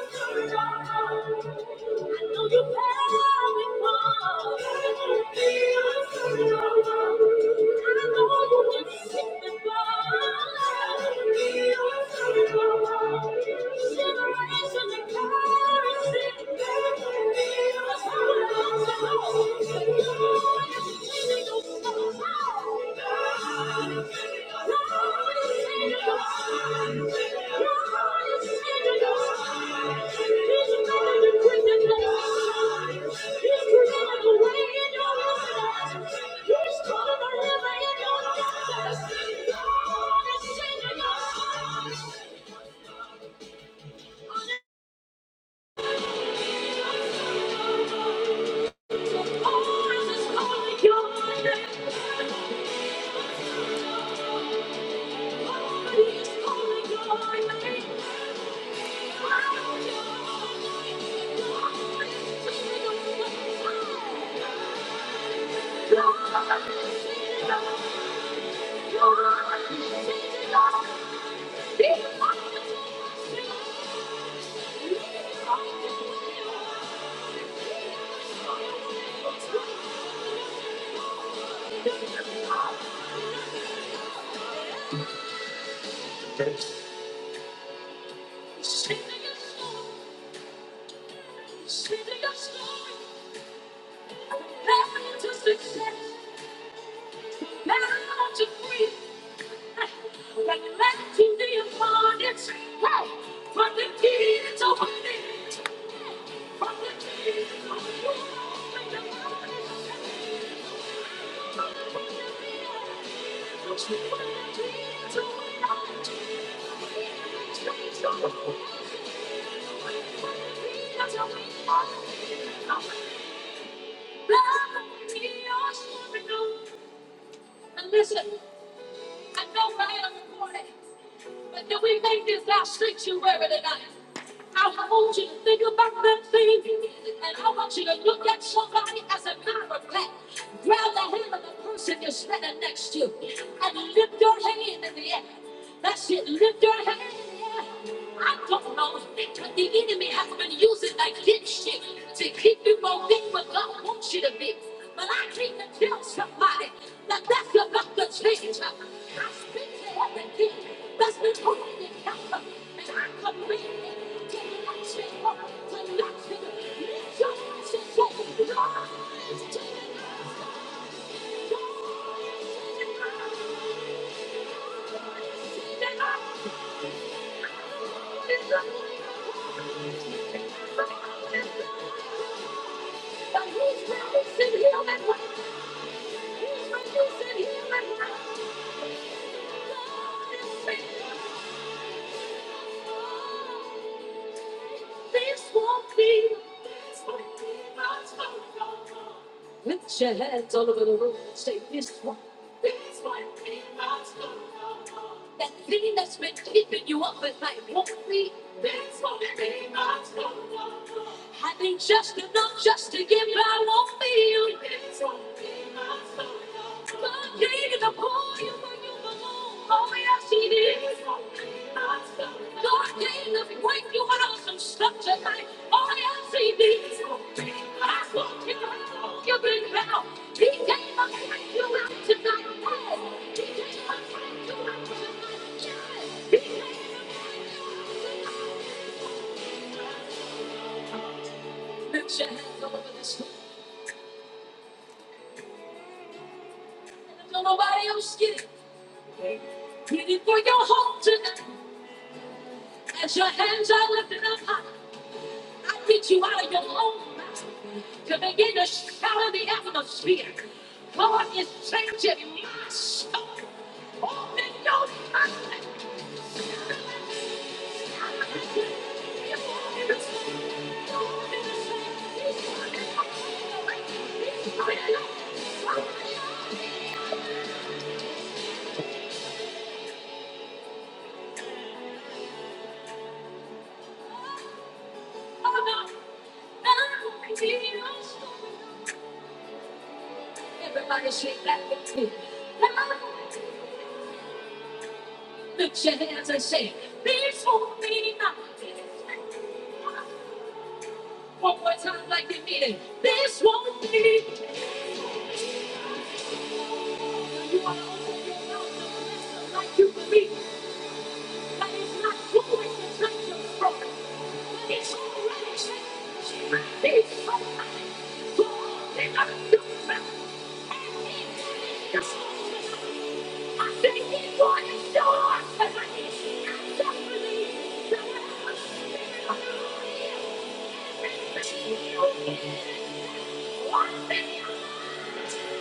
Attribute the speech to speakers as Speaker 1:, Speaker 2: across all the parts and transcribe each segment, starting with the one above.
Speaker 1: Thank you. Thank you. Oh my God! And listen, I know I am recording, but do we make this our sanctuary tonight? I want you to think about that thing, and I want you to look at somebody as a matter of fact. Grab the hand of the person you're standing next to, and lift your hand in the air. That's it, lift your hand in the air. I don't know, but the enemy has been using against you to They Keep you gonna what God wants you to be. But I came to tell somebody that that's about to change. I speak to everything that's been holding you captive, and I command it to not change, to not change. Lift your voice and say, "Rise to the He's reducing human life. He's reducing human life. Please walk me with your hands all over the room. Say this one. That thing that's been keeping you up at night. Walk me. Please walk me. I need just enough just to get by. Walk me. Nobody else get it. Pleading for your home tonight. As your hands are lifted up high. I get you out of your own mouth to begin to shout in the atmosphere. God is changing my soul. Open your eyes. Everybody say that with me. Lift your hands and say, Before me, One more time, like you mean it. This won't be. You want to open your mouth and listen like you believe that it's not going to change your story. But it's already changed. It's already so all they gotta do is and it is yours. tonight. I think it was yours. And I need you to believe that whatever the spirit of fear is in you is worth it.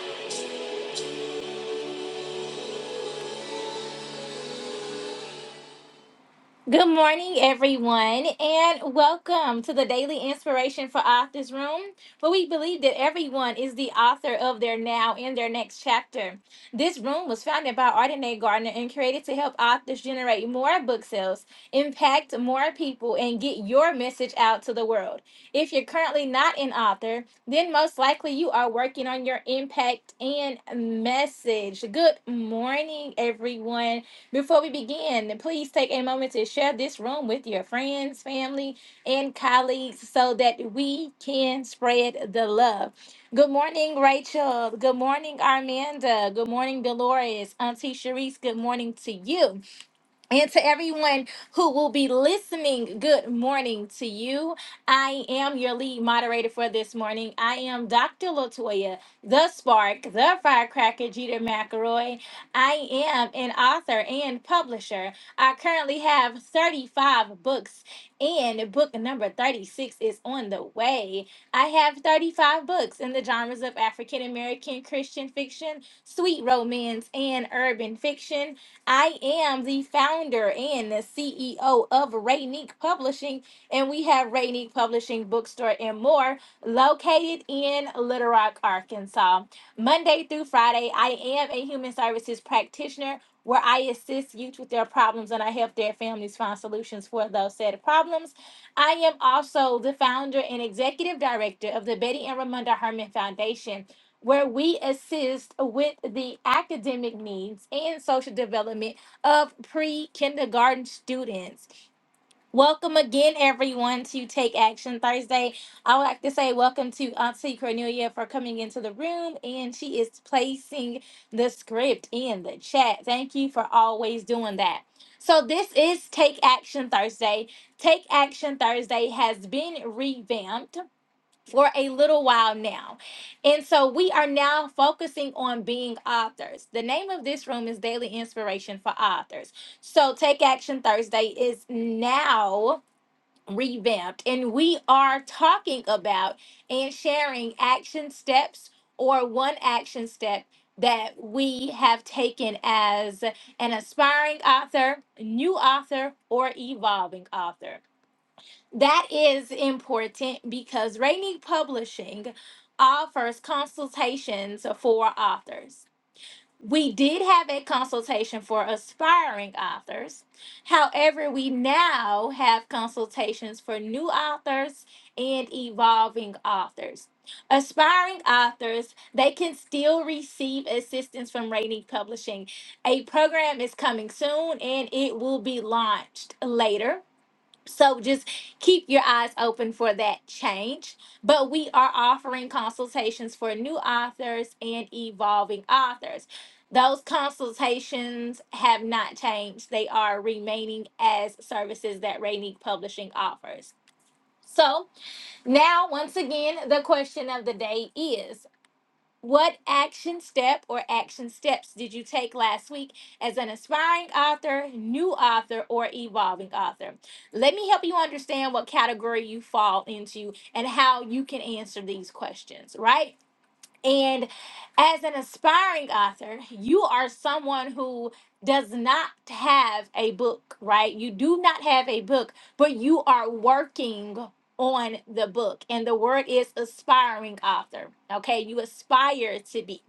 Speaker 1: Good morning, everyone, and welcome to the Daily Inspiration for Authors Room, where we believe that everyone is the author of their now and their next chapter. This room was founded by Ardenae Gardner and created to help authors generate more book sales, impact more people, and get your message out to the world. If you're currently not an author, then most likely you are working on your impact and message. Good morning, everyone. Before we begin, please take a moment to share this room with your friends, family, and colleagues so that we can spread the love. Good morning, Rachel. Good morning, Armanda. Good morning, Dolores. Auntie Sharice, good morning to you. And to everyone who will be listening, good morning to you. I am your lead moderator for this morning. I am Dr. Latoya, the spark, the firecracker, Jeter McElroy. I am an author and publisher. I currently have 35 books, and book number 36 is on the way. I have 35 books in the genres of African American Christian fiction, sweet romance, and urban fiction. I am the founder and the CEO of Rainique Publishing, and we have Rainique Publishing Bookstore and more located in Little Rock, Arkansas. Monday through Friday, I am a human services practitioner where I assist youth with their problems and I help their families find solutions for those said problems. I am also the founder and executive director of the Betty and Ramonda Herman Foundation where we assist with the academic needs and social development of pre kindergarten students. Welcome again, everyone, to Take Action Thursday. I would like to say welcome to Auntie Cornelia for coming into the room, and she is placing the script in the chat. Thank you for always doing that. So, this is Take Action Thursday. Take Action Thursday has been revamped for a little while now. And so we are now focusing on being authors. The name of this room is Daily Inspiration for Authors. So Take Action Thursday is now revamped, and we are talking about and sharing action steps or one action step. That we have taken as an aspiring author, new author, or evolving author. That is important because Rainy Publishing offers consultations for authors. We did have a consultation for aspiring authors. However, we now have consultations for new authors and evolving authors. Aspiring authors, they can still receive assistance from Rainy Publishing. A program is coming soon and it will be launched later so just keep your eyes open for that change. But we are offering consultations for new authors and evolving authors. Those consultations have not changed. They are remaining as services that Rainique Publishing offers. So now, once again, the question of the day is what action step or action steps did you take last week as an aspiring author, new author, or evolving author? Let me help you understand what category you fall into and how you can answer these questions, right? And as an aspiring author, you are someone who does not have a book, right? You do not have a book, but you are working on the book. And the word is aspiring author. Okay. You aspire to be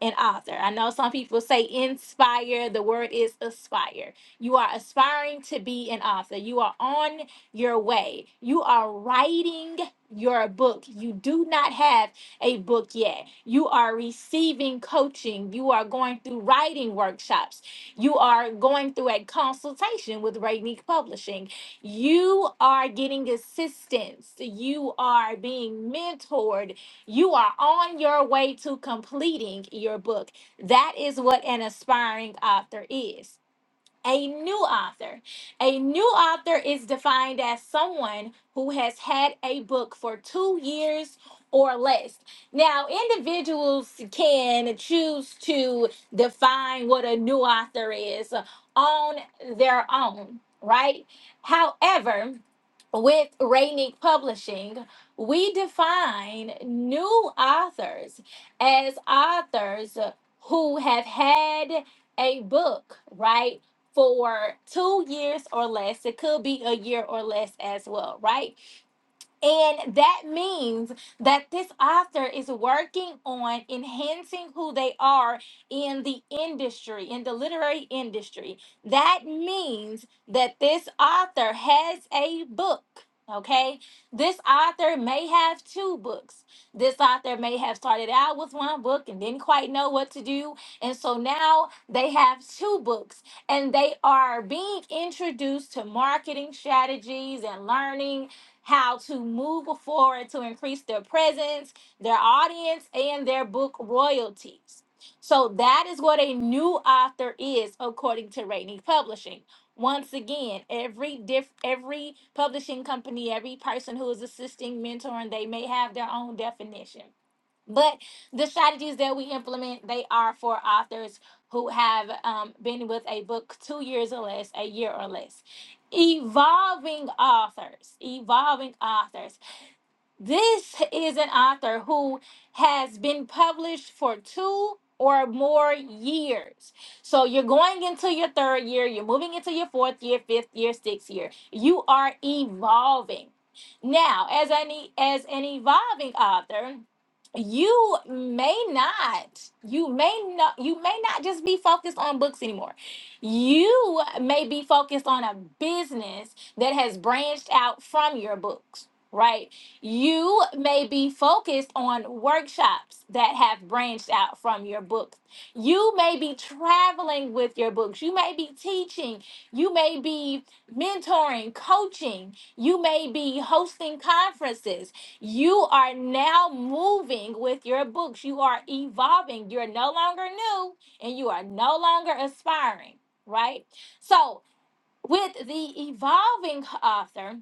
Speaker 1: and author. I know some people say inspire, the word is aspire. You are aspiring to be an author, you are on your way, you are writing your book. You do not have a book yet. You are receiving coaching, you are going through writing workshops, you are going through a consultation with Rainique Publishing you are getting assistance. You are being mentored. You are on your way to completing your book. That is what an aspiring author is. A new author. A new author is defined as someone who has had a book for two years or less. Now, individuals can choose to define what a new author is on their own, right? However, with Rainick Publishing, we define new authors as authors who have had a book, right? for two years or less. It could be a year or less as well, right? And that means that this author is working on enhancing who they are in the industry, in the literary industry. That means that this author has a book. Okay, this author may have two books. This author may have started out with one book and didn't quite know what to do. And so now they have two books and they are being introduced to marketing strategies and learning how to move forward to increase their presence, their audience, and their book royalties. So that is what a new author is, according to Rainy Publishing. Once again, every diff, every publishing company, every person who is assisting, mentoring, they may have their own definition. But the strategies that we implement, they are for authors who have um, been with a book two years or less, a year or less. Evolving authors, evolving authors. This is an author who has been published for two or more years. So you're going into your third year, you're moving into your fourth year, fifth year, sixth year. You are evolving. Now, as an e, as an evolving author, you may not you may not you may not just be focused on books anymore you may be focused on a business that has branched out from your books right you may be focused on workshops that have branched out from your books. You may be traveling with your books. You may be teaching. You may be mentoring, coaching. You may be hosting conferences. You are now moving with your books. You are evolving. You're no longer new and you are no longer aspiring, right? So, with the evolving author,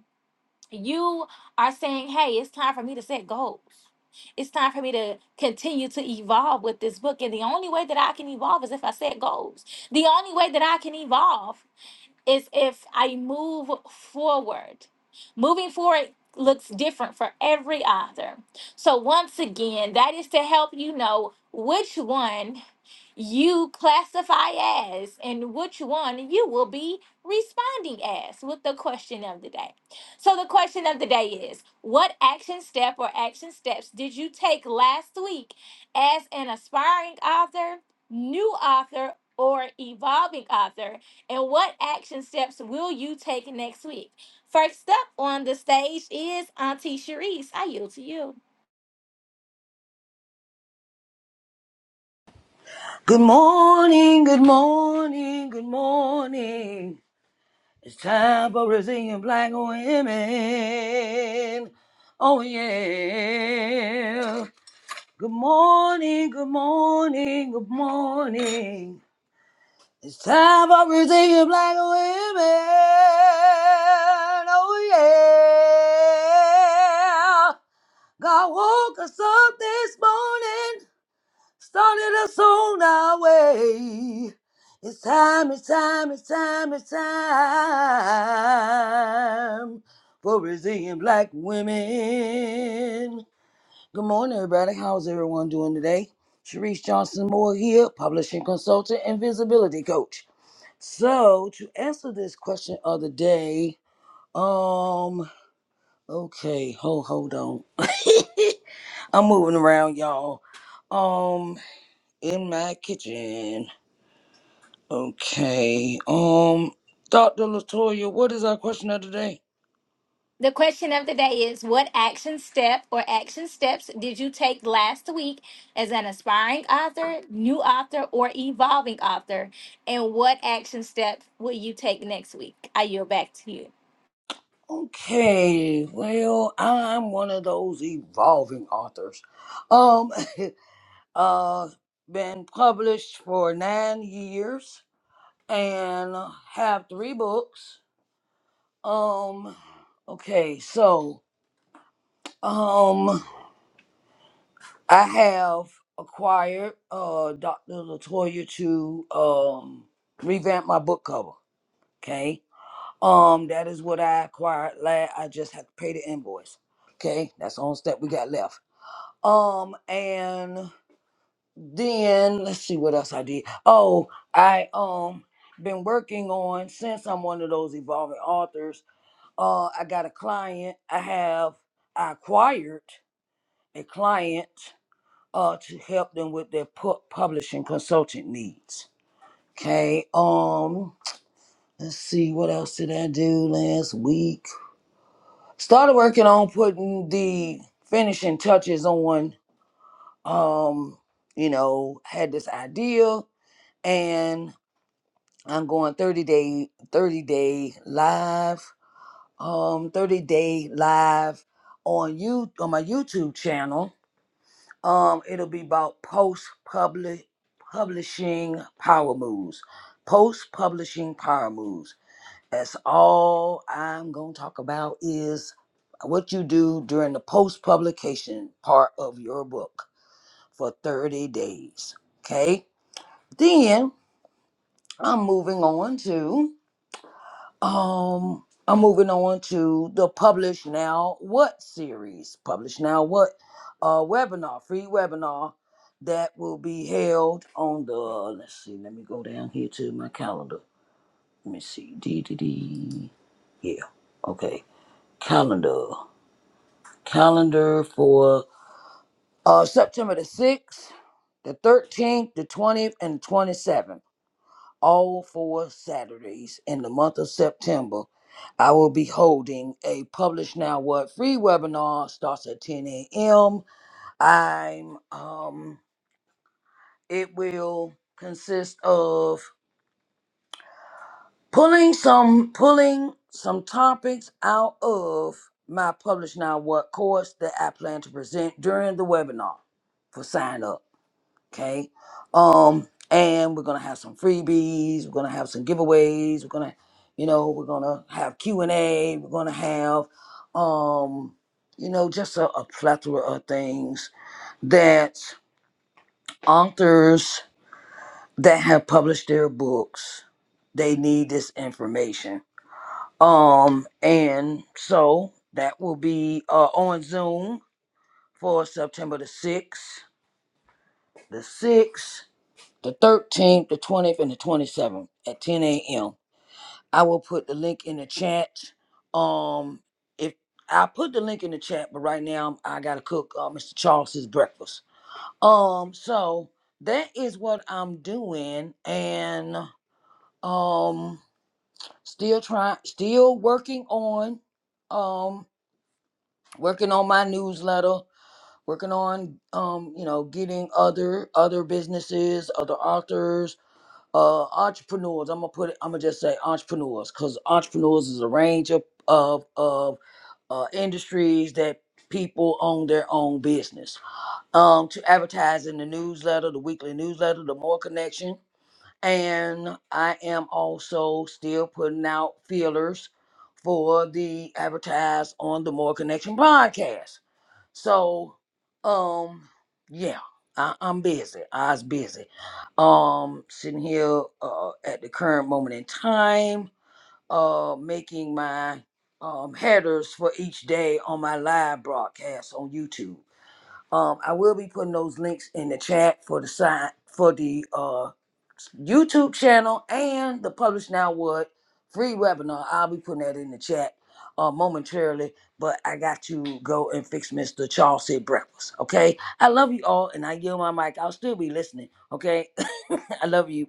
Speaker 1: you are saying, hey, it's time for me to set goals. It's time for me to continue to evolve with this book. And the only way that I can evolve is if I set goals. The only way that I can evolve is if I move forward. Moving forward looks different for every author. So, once again, that is to help you know which one you classify as and which one you will be responding as with the question of the day. So, the question of the day is What action step or action steps did you take last week as an aspiring author, new author, or evolving author? And what action steps will you take next week? First up on the stage is Auntie Sharice. I yield to you.
Speaker 2: Good morning, good morning, good morning. It's time for Brazilian black women. Oh yeah. Good morning, good morning, good morning. It's time for Brazilian black women. Oh yeah. God woke us up this morning started us on our way. It's time, it's time, it's time, it's time for resilient black women. Good morning, everybody. How's everyone doing today? Sharice Johnson Moore here, publishing consultant and visibility coach. So, to answer this question of the day, um, okay, hold, hold on. I'm moving around, y'all. Um, in my kitchen. Okay. Um, Dr. Latoya, what is our question of the day?
Speaker 1: The question of the day is What action step or action steps did you take last week as an aspiring author, new author, or evolving author? And what action step will you take next week? I yield back to you.
Speaker 2: Okay. Well, I'm one of those evolving authors. Um, uh, been published for nine years and have three books. Um, okay. So, um, I have acquired uh Dr. Latoya to um revamp my book cover. Okay. Um, that is what I acquired. Last, I just have to pay the invoice. Okay, that's the only step we got left. Um, and then let's see what else I did. Oh, I um been working on since I'm one of those evolving authors. Uh, I got a client. I have I acquired a client uh to help them with their pu- publishing consultant needs. Okay. Um, let's see what else did I do last week started working on putting the finishing touches on um you know had this idea and i'm going 30 day 30 day live um 30 day live on you on my youtube channel um it'll be about post public publishing power moves post publishing power moves That's all I'm going to talk about is what you do during the post publication part of your book for 30 days. Okay? Then I'm moving on to um I'm moving on to the Publish Now What series. Publish Now What uh webinar, free webinar that will be held on the let's see, let me go down here to my calendar. Let me see. D D D. Yeah. Okay. calendar calendar for uh september the 6th the 13th the 20th and 27th all four saturdays in the month of september i will be holding a publish now what free webinar starts at 10 a.m i'm um it will consist of pulling some pulling some topics out of my publish now what course that i plan to present during the webinar for sign up okay um and we're gonna have some freebies we're gonna have some giveaways we're gonna you know we're gonna have q&a we're gonna have um you know just a, a plethora of things that authors that have published their books they need this information um, and so that will be uh, on Zoom for September the 6th, the 6th, the 13th, the 20th, and the 27th at 10 a.m. I will put the link in the chat. Um, if I put the link in the chat, but right now I gotta cook uh, Mr. Charles's breakfast. Um, so that is what I'm doing, and um, still trying, still working on. um. working on my newsletter working on um you know getting other other businesses other authors uh entrepreneurs i'm gonna put it i'm gonna just say entrepreneurs because entrepreneurs is a range of of of uh, industries that people own their own business um to advertise in the newsletter the weekly newsletter the more connection and i am also still putting out feelers for the advertise on the more connection podcast so, um, yeah, I, I'm busy. I was busy. Um, sitting here uh, at the current moment in time, uh, making my um headers for each day on my live broadcast on YouTube. Um, I will be putting those links in the chat for the side for the uh YouTube channel and the Publish Now What free webinar. I'll be putting that in the chat uh momentarily, but I got to go and fix Mr. Charles said breakfast. Okay. I love you all and I yield my mic. I'll still be listening. Okay. I love you.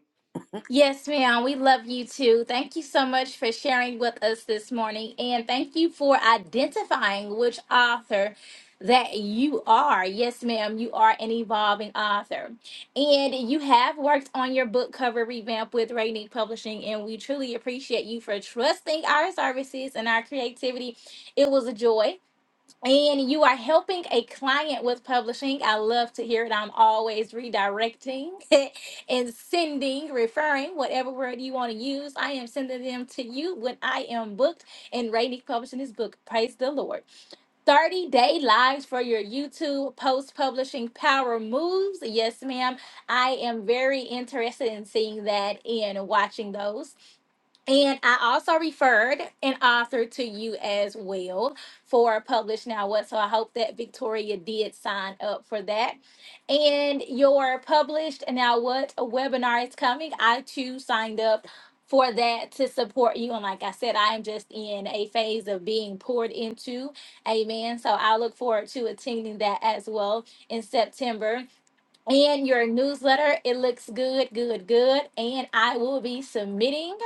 Speaker 1: Yes, ma'am. We love you too. Thank you so much for sharing with us this morning. And thank you for identifying which author that you are. Yes, ma'am. You are an evolving author. And you have worked on your book cover revamp with Rainy Publishing. And we truly appreciate you for trusting our services and our creativity. It was a joy and you are helping a client with publishing. I love to hear it. I'm always redirecting and sending, referring, whatever word you want to use. I am sending them to you when I am booked and Rainy publishing this book. Praise the Lord. 30 day lives for your YouTube post publishing power moves. Yes, ma'am. I am very interested in seeing that and watching those. And I also referred an author to you as well for Publish Now What. So I hope that Victoria did sign up for that. And your Published Now What webinar is coming. I too signed up for that to support you. And like I said, I am just in a phase of being poured into. Amen. So I look forward to attending that as well in September and your newsletter. It looks good, good, good. And I will be submitting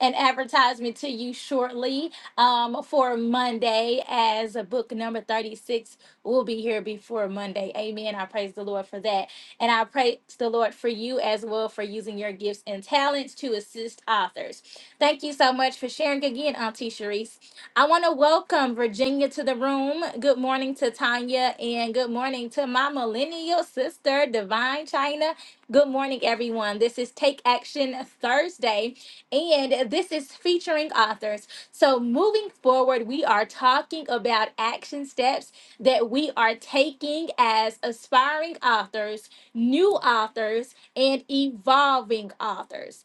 Speaker 1: an advertisement to you shortly um, for Monday, as book number 36 will be here before Monday. Amen. I praise the Lord for that. And I praise the Lord for you as well for using your gifts and talents to assist authors. Thank you so much for sharing again, Auntie Sharice. I want to welcome Virginia to the room. Good morning to Tanya and good morning to my millennial sister, Divine China. Good morning, everyone. This is Take Action Thursday, and this is featuring authors. So, moving forward, we are talking about action steps that we are taking as aspiring authors, new authors, and evolving authors.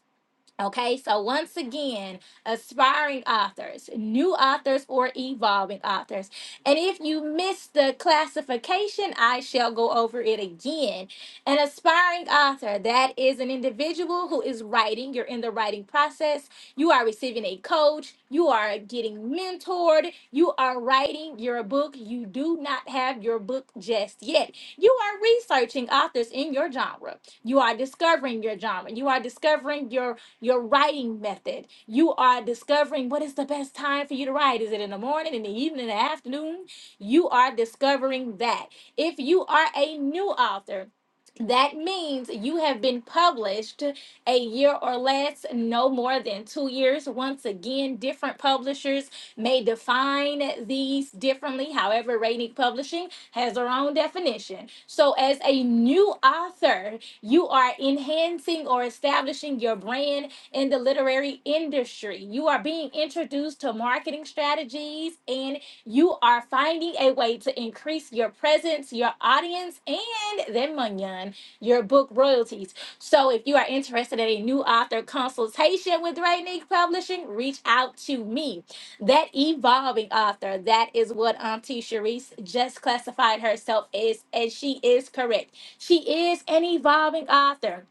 Speaker 1: Okay, so once again, aspiring authors, new authors, or evolving authors. And if you missed the classification, I shall go over it again. An aspiring author, that is an individual who is writing, you're in the writing process, you are receiving a coach, you are getting mentored, you are writing your book, you do not have your book just yet. You are researching authors in your genre, you are discovering your genre, you are discovering your your writing method. You are discovering what is the best time for you to write. Is it in the morning, in the evening, in the afternoon? You are discovering that. If you are a new author, that means you have been published a year or less, no more than two years. Once again, different publishers may define these differently. However, Rating Publishing has their own definition. So, as a new author, you are enhancing or establishing your brand in the literary industry. You are being introduced to marketing strategies and you are finding a way to increase your presence, your audience, and then Munyan, your book royalties. So if you are interested in a new author consultation with Rainique Publishing, reach out to me. That evolving author, that is what Auntie Sharice just classified herself as, and she is correct. She is an evolving author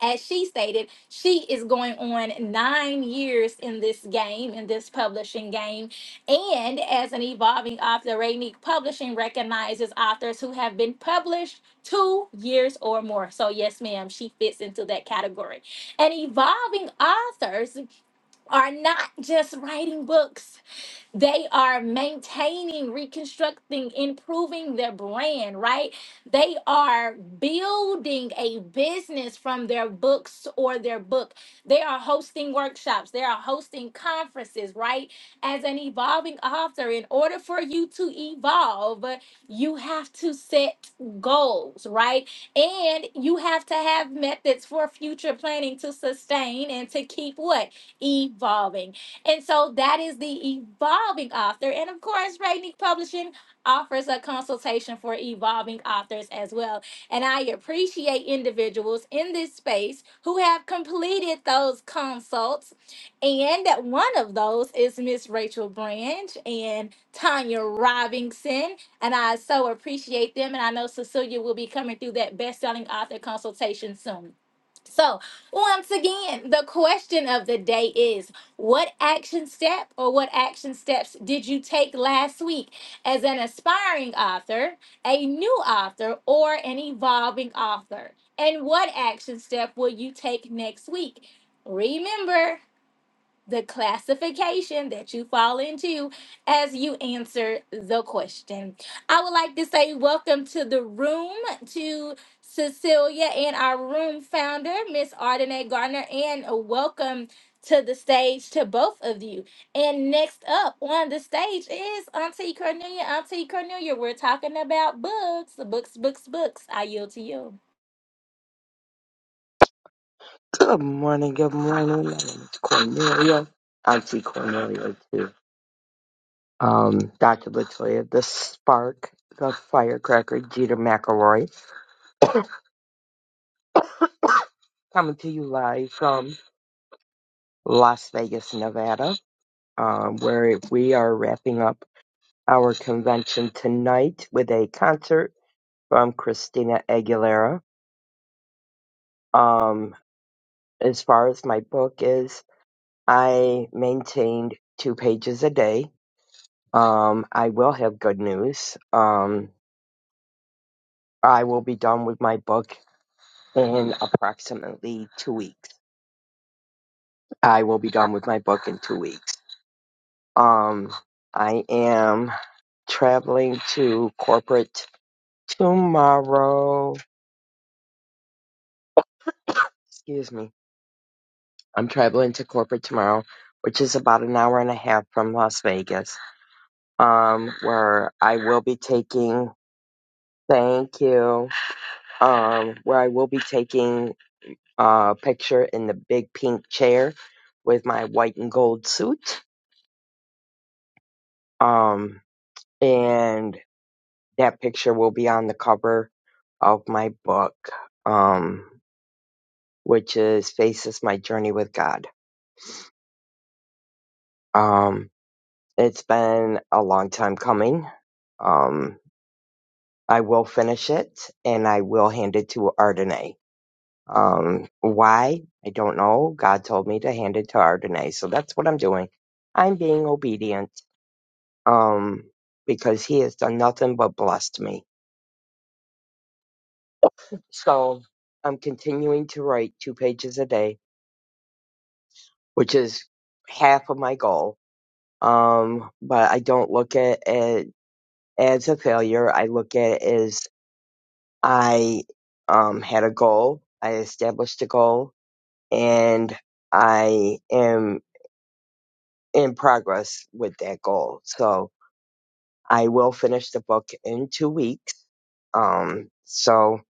Speaker 1: as she stated, she is going on nine years in this game, in this publishing game. And as an evolving author, Rainique Publishing recognizes authors who have been published two years or more. So, yes, ma'am, she fits into that category. And evolving authors are not just writing books. They are maintaining, reconstructing, improving their brand, right? They are building a business from their books or their book. They are hosting workshops, they are hosting conferences, right? As an evolving author, in order for you to evolve, you have to set goals, right? And you have to have methods for future planning to sustain and to keep what? Evolving. And so that is the evolving author. And of course, Rainy Publishing offers a consultation for evolving authors as well. And I appreciate individuals in this space who have completed those consults. And one of those is Miss Rachel Branch and Tanya Robinson. And I so appreciate them. And I know Cecilia will be coming through that best-selling author consultation soon. So, once again, the question of the day is what action step or what action steps did you take last week as an aspiring author, a new author, or an evolving author? And what action step will you take next week? Remember, the classification that you fall into as you answer the question. I would like to say welcome to the room to Cecilia and our room founder, Miss Ardenae Gardner, and a welcome to the stage to both of you. And next up on the stage is Auntie Cornelia. Auntie Cornelia, we're talking about books, books, books, books. I yield to you.
Speaker 3: Good morning, good morning. My name is Cornelia. I see Cornelia too. Um, Dr. Latoya, the spark, the firecracker, Jeter McElroy, coming to you live from Las Vegas, Nevada, um, where we are wrapping up our convention tonight with a concert from Christina Aguilera. Um, as far as my book is, I maintained two pages a day. Um, I will have good news. Um, I will be done with my book in approximately two weeks. I will be done with my book in two weeks. Um, I am traveling to corporate tomorrow. Excuse me. I'm traveling to corporate tomorrow, which is about an hour and a half from Las Vegas, um, where I will be taking, thank you, um, where I will be taking a picture in the big pink chair with my white and gold suit. Um, and that picture will be on the cover of my book, um, which is Faces My Journey with God. Um, it's been a long time coming. Um, I will finish it and I will hand it to Ardenay. Um, why? I don't know. God told me to hand it to Ardenay. So that's what I'm doing. I'm being obedient. Um, because he has done nothing but blessed me So I'm continuing to write two pages a day, which is half of my goal. Um, but I don't look at it as a failure. I look at it as I um, had a goal, I established a goal, and I am in progress with that goal. So I will finish the book in two weeks. Um, so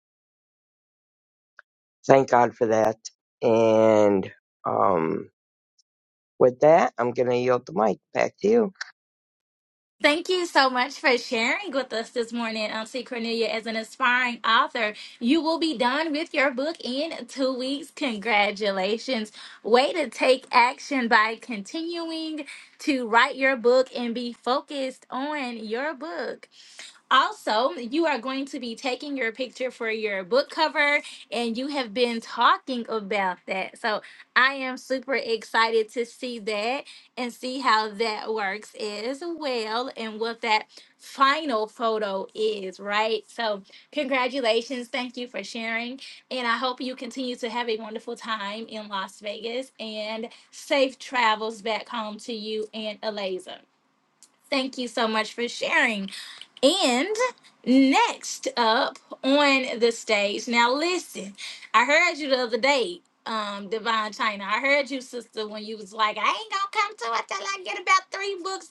Speaker 3: thank God for that. And, um, With that, I'm going to yield the mic back to you.
Speaker 1: Thank you so much for sharing with us this morning, Auntie Cornelia. As an aspiring author, you will be done with your book in two weeks. Congratulations. Way to take action by continuing to write your book and be focused on your book. Also, you are going to be taking your picture for your book cover, and you have been talking about that. So, I am super excited to see that and see how that works as well, and what that final photo is, right? So, congratulations. Thank you for sharing. And I hope you continue to have a wonderful time in Las Vegas and safe travels back home to you and Eliza. Thank you so much for sharing. And next up on the stage, now listen, I heard you the other day, um, Divine China. I heard you, sister, when you was like, I ain't gonna come to it till I get about three books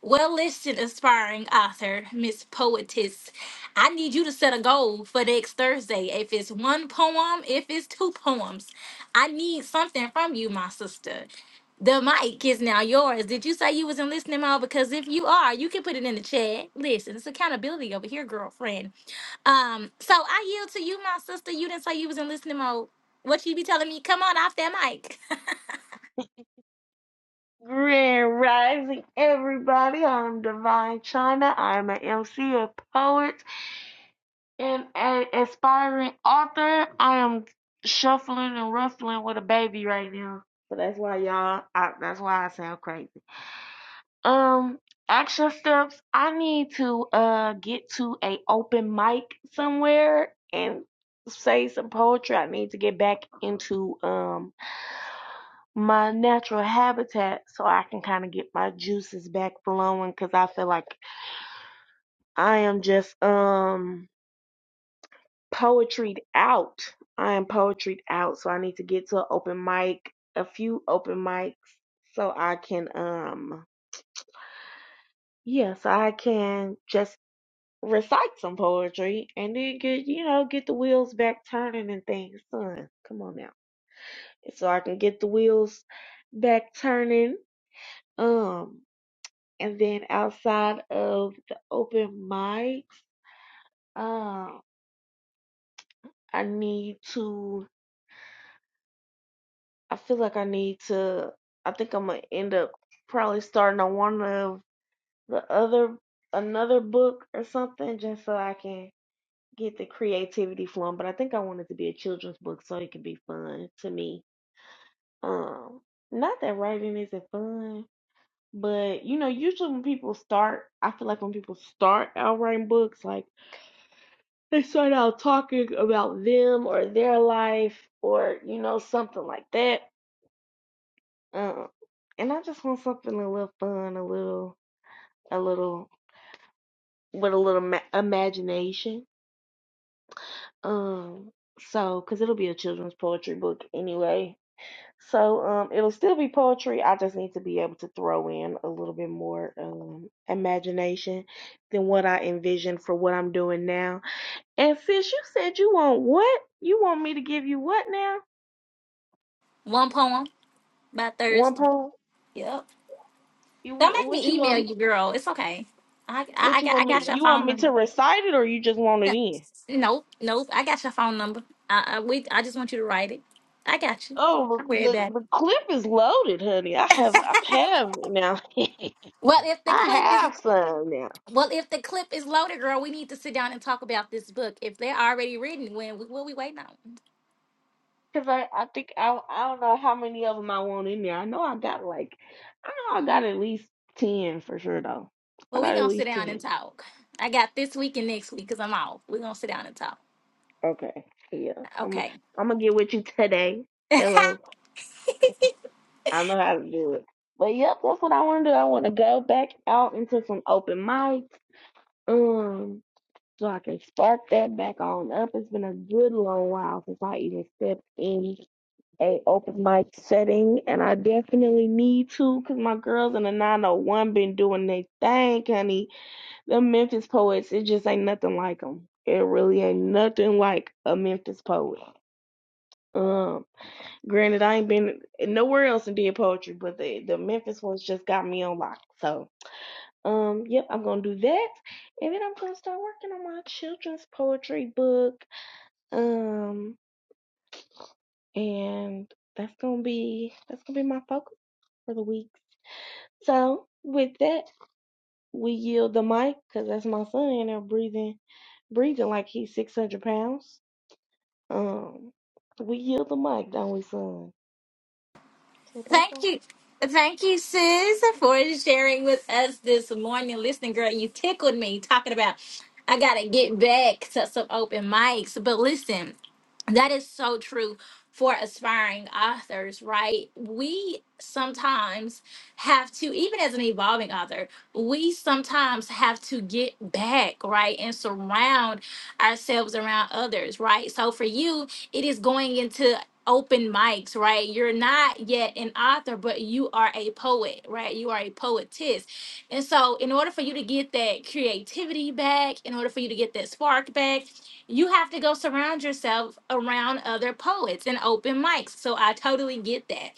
Speaker 1: well, listen, aspiring author, Miss Poetess, I need you to set a goal for next Thursday. If it's one poem, if it's two poems, I need something from you, my sister. The mic is now yours. Did you say you was in listening mode? Because if you are, you can put it in the chat. Listen, it's accountability over here, girlfriend. Um, so I yield to you, my sister. You didn't say you was in listening mode. What you be telling me? Come on off that mic.
Speaker 4: Grand Rising, everybody. I'm Divine China. I'm an MC, a poet, and an aspiring author. I am shuffling and ruffling with a baby right now. So that's why y'all, I, that's why I sound crazy. Um, action steps. I need to uh get to a open mic somewhere and say some poetry. I need to get back into um my natural habitat so I can kind of get my juices back flowing cuz I feel like I am just um poetried out. I am poetried out so I need to get to an open mic, a few open mics so I can um yeah, so I can just recite some poetry and then get you know get the wheels back turning and things. Son, come on now. So I can get the wheels back turning. Um And then outside of the open mics, um, I need to. I feel like I need to. I think I'm gonna end up probably starting on one of the other another book or something, just so I can get the creativity flowing. But I think I want it to be a children's book so it can be fun to me. Um, not that writing isn't fun, but you know, usually when people start, I feel like when people start out writing books, like they start out talking about them or their life or you know something like that. Um, and I just want something a little fun, a little, a little with a little ma- imagination. Um, so because it'll be a children's poetry book anyway, so um, it'll still be poetry. I just need to be able to throw in a little bit more um imagination than what I envision for what I'm doing now. And sis, you said you want what? You want me to give you what now?
Speaker 1: one poem by
Speaker 4: One
Speaker 1: Thursday.
Speaker 4: poem.
Speaker 1: Yep.
Speaker 4: You
Speaker 1: Don't make
Speaker 4: what you
Speaker 1: me email
Speaker 4: want?
Speaker 1: you, girl. It's okay. I I,
Speaker 4: What
Speaker 1: I
Speaker 4: you
Speaker 1: got
Speaker 4: want
Speaker 1: I
Speaker 4: me?
Speaker 1: got your
Speaker 4: You want
Speaker 1: phone
Speaker 4: me to
Speaker 1: number.
Speaker 4: recite it, or you just want it in?
Speaker 1: Nope, nope. I got your phone number. I, I we I just want you to write it. I got you.
Speaker 4: Oh,
Speaker 1: I'm worried
Speaker 4: the the,
Speaker 1: about it.
Speaker 4: the clip is loaded, honey. I have I have now.
Speaker 1: Well, if the
Speaker 4: I
Speaker 1: clip is
Speaker 4: have some now.
Speaker 1: well, if the clip is loaded, girl, we need to sit down and talk about this book. If they're already written, when what we waiting on?
Speaker 4: Cause I I think I I don't know how many of them I want in there. I know I got like I know I got at least ten for sure though. I
Speaker 1: Well, we
Speaker 4: got at
Speaker 1: gonna sit
Speaker 4: least
Speaker 1: down and
Speaker 4: ten.
Speaker 1: talk. I got this week and next week because I'm off. We are gonna sit down and talk.
Speaker 4: Okay. Yeah. I'm i
Speaker 1: Okay.
Speaker 4: I'm gonna get with you today. Hello. I know how to do it. But yep, that's what I want to do. I want to go back out into some open mics, um, so I can spark that back on up. It's been a good long while since I even stepped in a open mic setting, and I definitely need to, cause my girls in the 901 been doing their thing, honey. The Memphis poets, it just ain't nothing like them. It really ain't nothing like a Memphis poet. um. Granted, I ain't been nowhere else and did poetry, but the the Memphis ones just got me on lock. So, um, yep, I'm gonna do that, and then I'm gonna start working on my children's poetry book. Um, and that's gonna be that's gonna be my focus for the week. So, with that, we yield the mic because that's my son in there breathing, breathing like he's 600 pounds. Um, we yield the mic, don't we, son? Say bye
Speaker 1: Thank
Speaker 4: bye.
Speaker 1: you. Thank you, sis, for sharing with us this morning. Listen, girl, you tickled me talking about I gotta get back to some open mics. But listen, that is so true for aspiring authors, right? We sometimes have to, even as an evolving author, we sometimes have to get back, right? And surround ourselves around others, right? So for you, it is going into open mics, right? You're not yet an author, but you are a poet, right? You are a poetess. And so, in order for you to get that creativity back, in order for you to get that spark back, you have to go surround yourself around other poets and open mics. So, I totally get that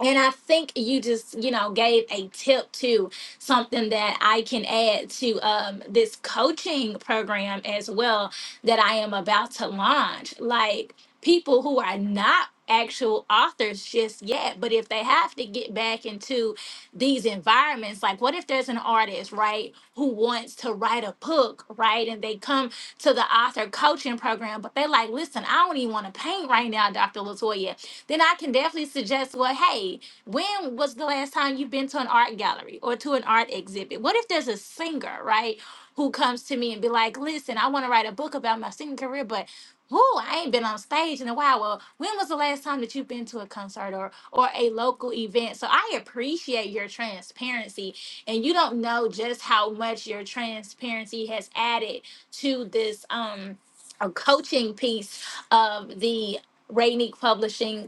Speaker 1: and I think you just, you know, gave a tip to something that I can add to um, this coaching program as well that I am about to launch. Like people who are not actual authors just yet, but if they have to get back into these environments, like what if there's an artist, right, who wants to write a book, right, and they come to the author coaching program, but they like, listen, I don't even want to paint right now, Dr. Latoya then I can definitely suggest, well, hey, when was the last time you've been to an art gallery or to an art exhibit? What if there's a singer, right, who comes to me and be like, listen, I want to write a book about my singing career, but whoo, I ain't been on stage in a while. Well, when was the last time that you've been to a concert or or a local event? So I appreciate your transparency, and you don't know just how much your transparency has added to this um a coaching piece of the Rainique Publishing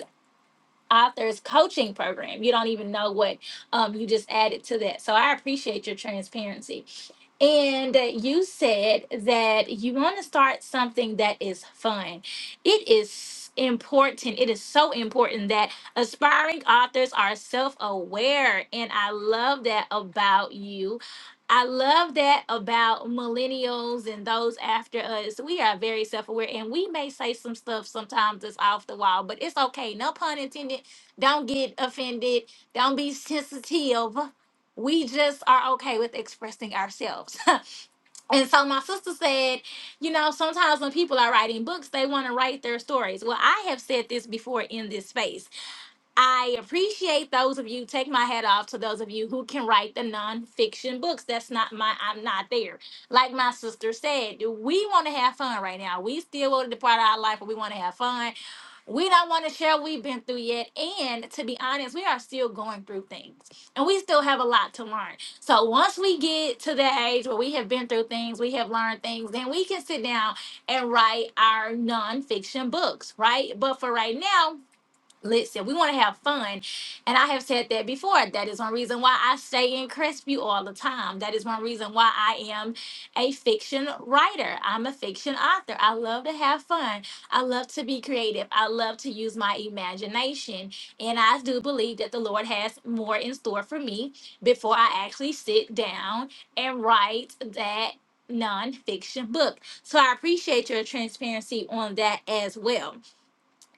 Speaker 1: author's coaching program. You don't even know what um, you just added to that. So I appreciate your transparency. And you said that you want to start something that is fun. It is important. It is so important that aspiring authors are self aware. And I love that about you. I love that about millennials and those after us. We are very self aware and we may say some stuff sometimes that's off the wall, but it's okay. No pun intended. Don't get offended. Don't be sensitive we just are okay with expressing ourselves. and so my sister said, you know, sometimes when people are writing books, they want to write their stories. Well, I have said this before in this space. I appreciate those of you. Take my hat off to those of you who can write the nonfiction books. That's not my, I'm not there. Like my sister said, we want to have fun right now. We still want to depart our life, but we want to have fun. We don't want to share what we've been through yet. And to be honest, we are still going through things and we still have a lot to learn. So once we get to the age where we have been through things, we have learned things, then we can sit down and write our nonfiction books, right? But for right now, Listen, we want to have fun. And I have said that before. That is one reason why I stay in Crestview all the time. That is one reason why I am a fiction writer. I'm a fiction author. I love to have fun. I love to be creative. I love to use my imagination. And I do believe that the Lord has more in store for me before I actually sit down and write that nonfiction book. So I appreciate your transparency on that as well.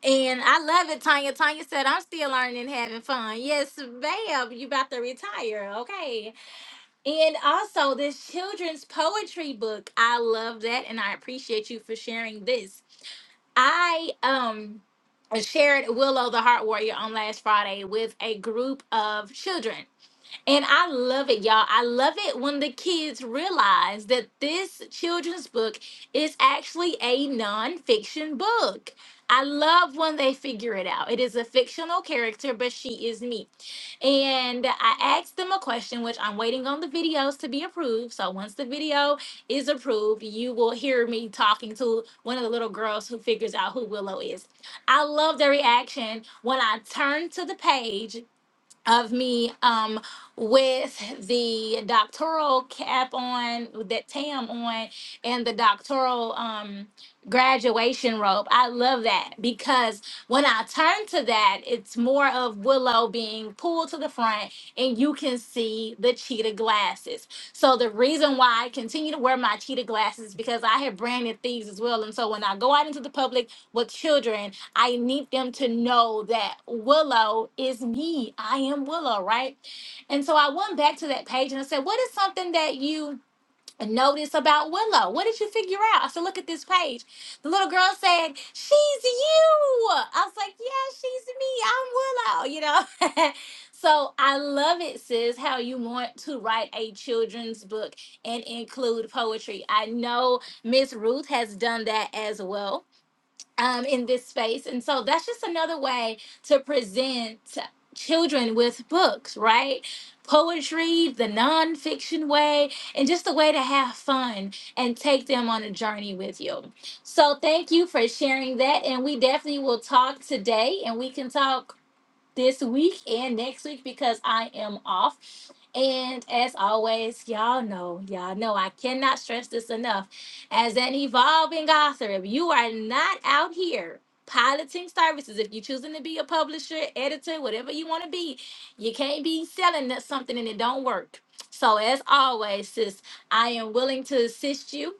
Speaker 1: And I love it, Tanya. Tanya said, I'm still learning, and having fun. Yes, babe, you about to retire. Okay. And also this children's poetry book. I love that. And I appreciate you for sharing this. I um shared Willow the Heart Warrior on last Friday with a group of children. And I love it, y'all. I love it when the kids realize that this children's book is actually a nonfiction book. I love when they figure it out. It is a fictional character, but she is me. And I asked them a question, which I'm waiting on the videos to be approved. So once the video is approved, you will hear me talking to one of the little girls who figures out who Willow is. I love their reaction when I turn to the page of me um with the doctoral cap on with that tam on and the doctoral um graduation robe i love that because when i turn to that it's more of willow being pulled to the front and you can see the cheetah glasses so the reason why i continue to wear my cheetah glasses is because i have branded thieves as well and so when i go out into the public with children, I need them to know that Willow is me. I am Willow, right? And so I went back to that page and I said, What is something that you noticed about Willow? What did you figure out? I said, Look at this page. The little girl said, She's you. I was like, Yeah, she's me. I'm Willow, you know? so I love it, sis, how you want to write a children's book and include poetry. I know Miss Ruth has done that as well um, in this space. And so that's just another way to present children with books, right? Poetry, the nonfiction way, and just a way to have fun and take them on a journey with you. So thank you for sharing that. And we definitely will talk today and we can talk this week and next week because I am off. And as always, y'all know, y'all know, I cannot stress this enough. As an evolving author, if you are not out here piloting services, if you're choosing to be a publisher, editor, whatever you want to be, you can't be selling that something and it don't work. So as always, sis, I am willing to assist you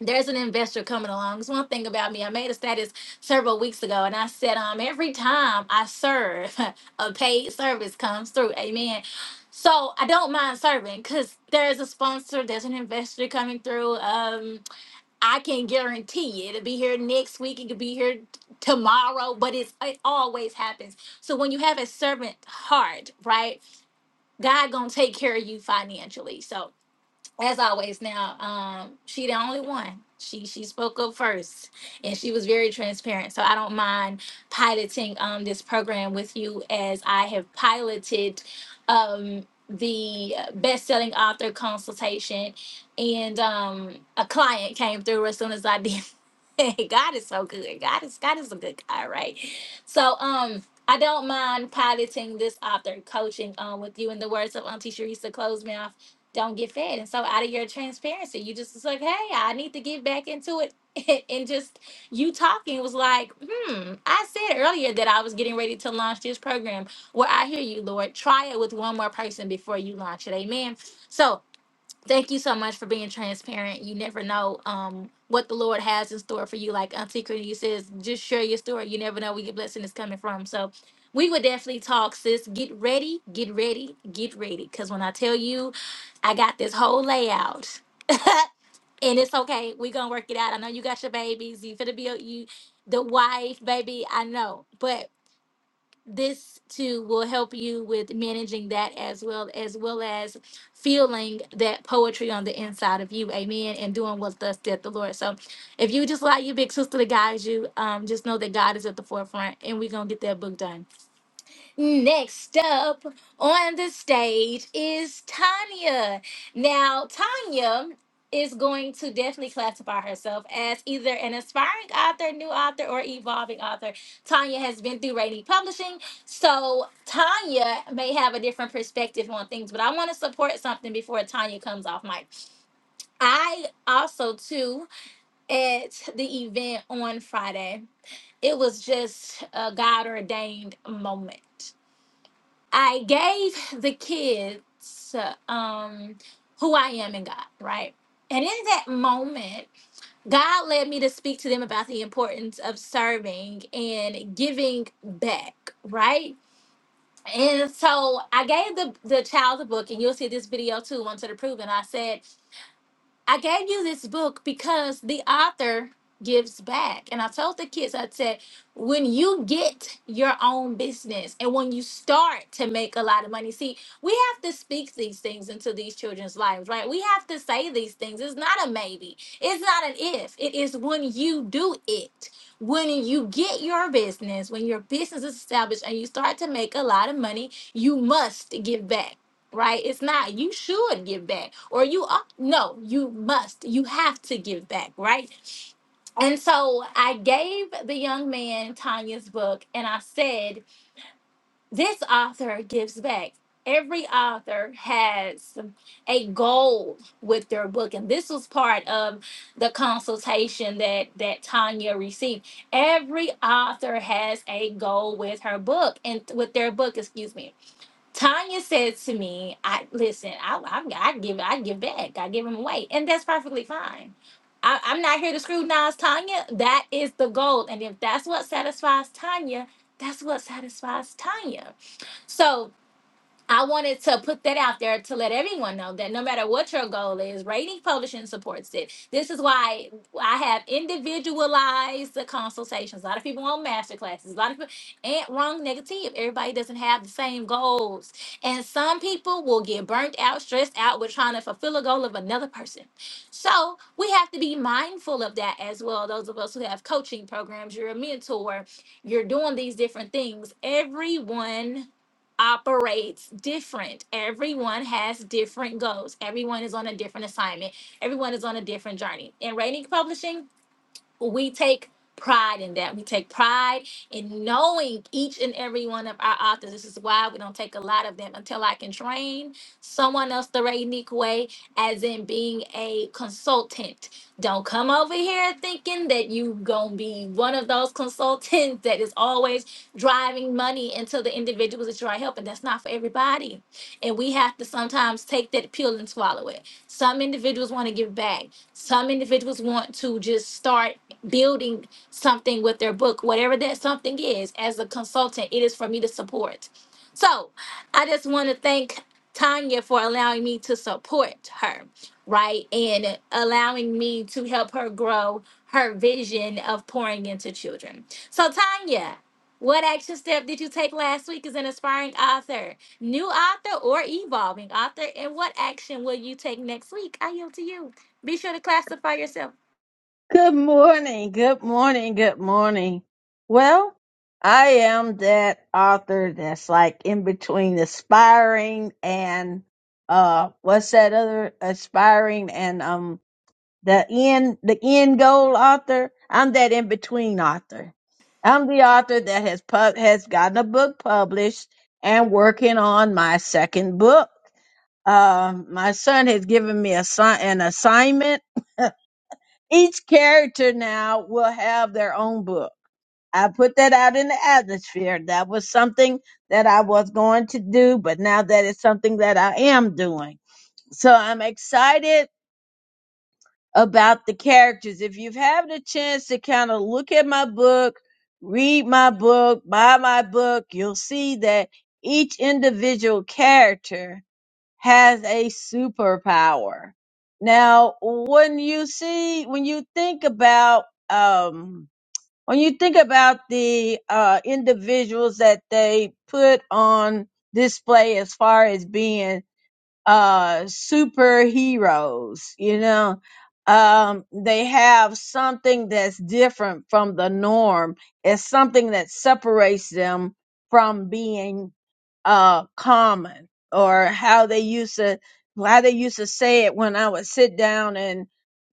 Speaker 1: there's an investor coming along. It's one thing about me. I made a status several weeks ago and I said, um, every time I serve, a paid service comes through. Amen. So I don't mind serving because there's a sponsor, there's an investor coming through. Um, I can guarantee it'll be here next week, it could be here t- tomorrow, but it's it always happens. So when you have a servant heart, right, God gonna take care of you financially. So as always now um she the only one she she spoke up first and she was very transparent so i don't mind piloting um this program with you as i have piloted um the best-selling author consultation and um a client came through as soon as i did god is so good god is god is a good guy right so um I don't mind piloting this author coaching um, with you in the words of Auntie Sharissa Close me off don't get fed. And so out of your transparency, you just was like, hey, I need to get back into it. and just you talking was like, hmm, I said earlier that I was getting ready to launch this program. Well, I hear you, Lord. Try it with one more person before you launch it. Amen. So Thank you so much for being transparent. You never know um, what the Lord has in store for you. Like Auntie Cornelia says, just share your story. You never know where your blessing is coming from. So we would definitely talk, sis. Get ready, get ready, get ready. Because when I tell you, I got this whole layout. and it's okay. we going to work it out. I know you got your babies. You finna be a- you the wife, baby. I know. But this too will help you with managing that as well as well as feeling that poetry on the inside of you amen and doing what thus said the lord so if you just allow your big sister to guide you um just know that god is at the forefront and we're gonna get that book done Next up on the stage is Tanya. Now, Tanya is going to definitely classify herself as either an aspiring author, new author, or evolving author. Tanya has been through Rainy Publishing, so Tanya may have a different perspective on things, but I want to support something before Tanya comes off mic. I also, too, at the event on Friday, it was just a God ordained moment I gave the kids uh, um, who I am in God, right? And in that moment, God led me to speak to them about the importance of serving and giving back, right? And so I gave the, the child the book, and you'll see this video too once it approved. And I said, I gave you this book because the author gives back. And I told the kids, I said, when you get your own business and when you start to make a lot of money, see, we have to speak these things into these children's lives, right? We have to say these things. It's not a maybe, it's not an if. It is when you do it. When you get your business, when your business is established and you start to make a lot of money, you must give back right? It's not you should give back or you are, no, you must, you have to give back, right? And so I gave the young man Tanya's book and I said, This author gives back. Every author has a goal with their book, and this was part of the consultation that that Tanya received. Every author has a goal with her book and with their book, excuse me Tanya said to me, "I listen. I, I, I give. I give back. I give him away, and that's perfectly fine. I, I'm not here to scrutinize Tanya. That is the goal, and if that's what satisfies Tanya, that's what satisfies Tanya. So I wanted to put that out there to let everyone know that no matter what your goal is, Rating Publishing supports it. This is why I have individualized the consultations. A lot of people want master classes. A lot of people ain't wrong negative. Everybody doesn't have the same goals. And some people will get burnt out, stressed out with trying to fulfill a goal of another person. So we have to be mindful of that as well. Those of us who have coaching programs, you're a mentor, you're doing these different things. Everyone operates different. Everyone has different goals. Everyone is on a different assignment. Everyone is on a different journey. In rating publishing, we take pride in that. We take pride in knowing each and every one of our authors. This is why we don't take a lot of them until I can train someone else the right unique way, as in being a consultant. Don't come over here thinking that you gonna be one of those consultants that is always driving money into the individuals that you're helping. That's not for everybody. And we have to sometimes take that pill and swallow it. Some individuals want to give back some individuals want to just start building something with their book, whatever that something is. As a consultant, it is for me to support. So I just want to thank Tanya for allowing me to support her, right? And allowing me to help her grow her vision of pouring into children. So, Tanya, what action step did you take last week as an aspiring author, new author, or evolving author? And what action will you take next week? I yield to you. Be sure to classify yourself.
Speaker 5: Good morning. Good morning. Good morning. Well, I am that author that's like in between aspiring and uh what's that other aspiring and um the end the end goal author. I'm that in between author. I'm the author that has pub has gotten a book published and working on my second book. Um my son has given me a, si-, an assignment each character now will have their own book. I put that out in the atmosphere. That was something that I was going to do, but now that is something that I am doing. So I'm excited about the characters. If you've had a chance to kind of look at my book, read my book, buy my book, you'll see that each individual character has a superpower. Now, when you see, when you think about, um, when you think about the uh, individuals that they put on display as far as being uh superheroes you know um they have something that's different from the norm it's something that separates them from being uh common or how they used to how they used to say it when i would sit down and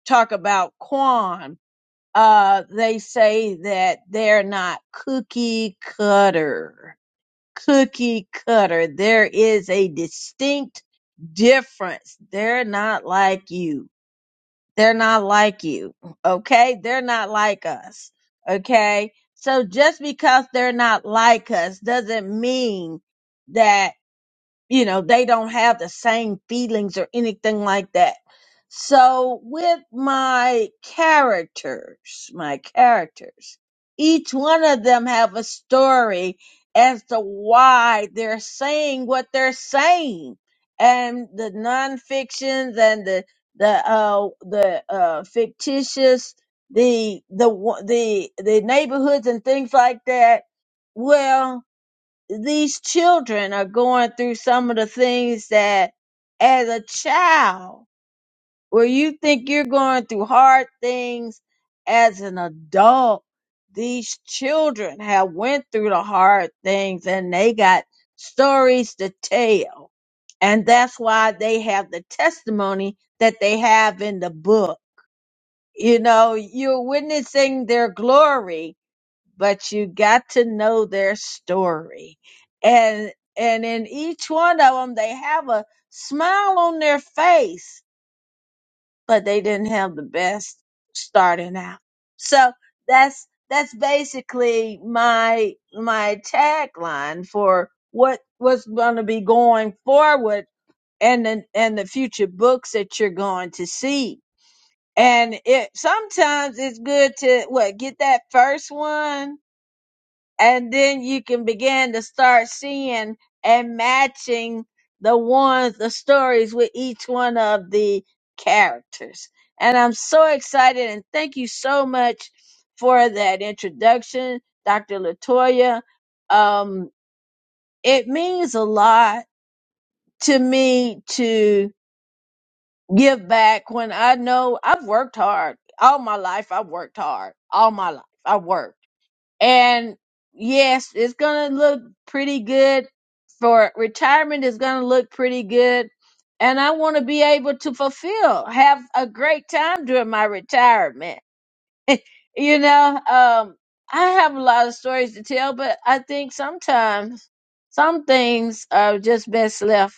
Speaker 5: talk about quan uh they say that they're not cookie cutter cookie cutter. There is a distinct difference. They're not like you. They're not like you. Okay. They're not like us. Okay. So just because they're not like us doesn't mean that you know they don't have the same feelings or anything like that so with my characters my characters each one of them have a story as to why they're saying what they're saying and the non-fictions and the the uh the uh fictitious the the wa- the the neighborhoods and things like that well these children are going through some of the things that as a child where you think you're going through hard things as an adult these children have went through the hard things and they got stories to tell and that's why they have the testimony that they have in the book you know you're witnessing their glory but you got to know their story and and in each one of them they have a smile on their face but they didn't have the best starting out so that's that's basically my my tagline for what what's going to be going forward and the, and the future books that you're going to see and it sometimes it's good to what get that first one and then you can begin to start seeing and matching the ones the stories with each one of the characters and i'm so excited and thank you so much for that introduction dr latoya um it means a lot to me to give back when i know i've worked hard all my life i've worked hard all my life i worked and yes, it's going to look pretty good for retirement is going to look pretty good. And I want to be able to fulfill, have a great time during my retirement. You know, um, I have a lot of stories to tell, but I think sometimes some things are just best left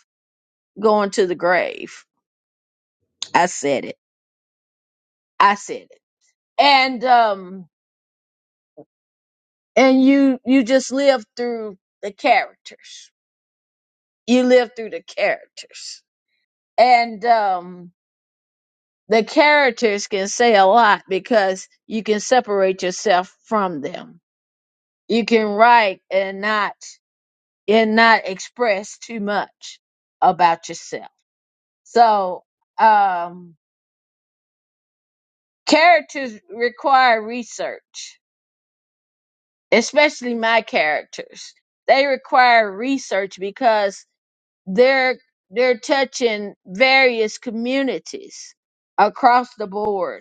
Speaker 5: going to the grave. I said it. I said it. And, um, and you, you just live through the characters you live through the characters. And um the characters can say a lot because you can separate yourself from them. You can write and not and not express too much about yourself. So um characters require research, especially my characters. They require research because they're they're touching various communities across the board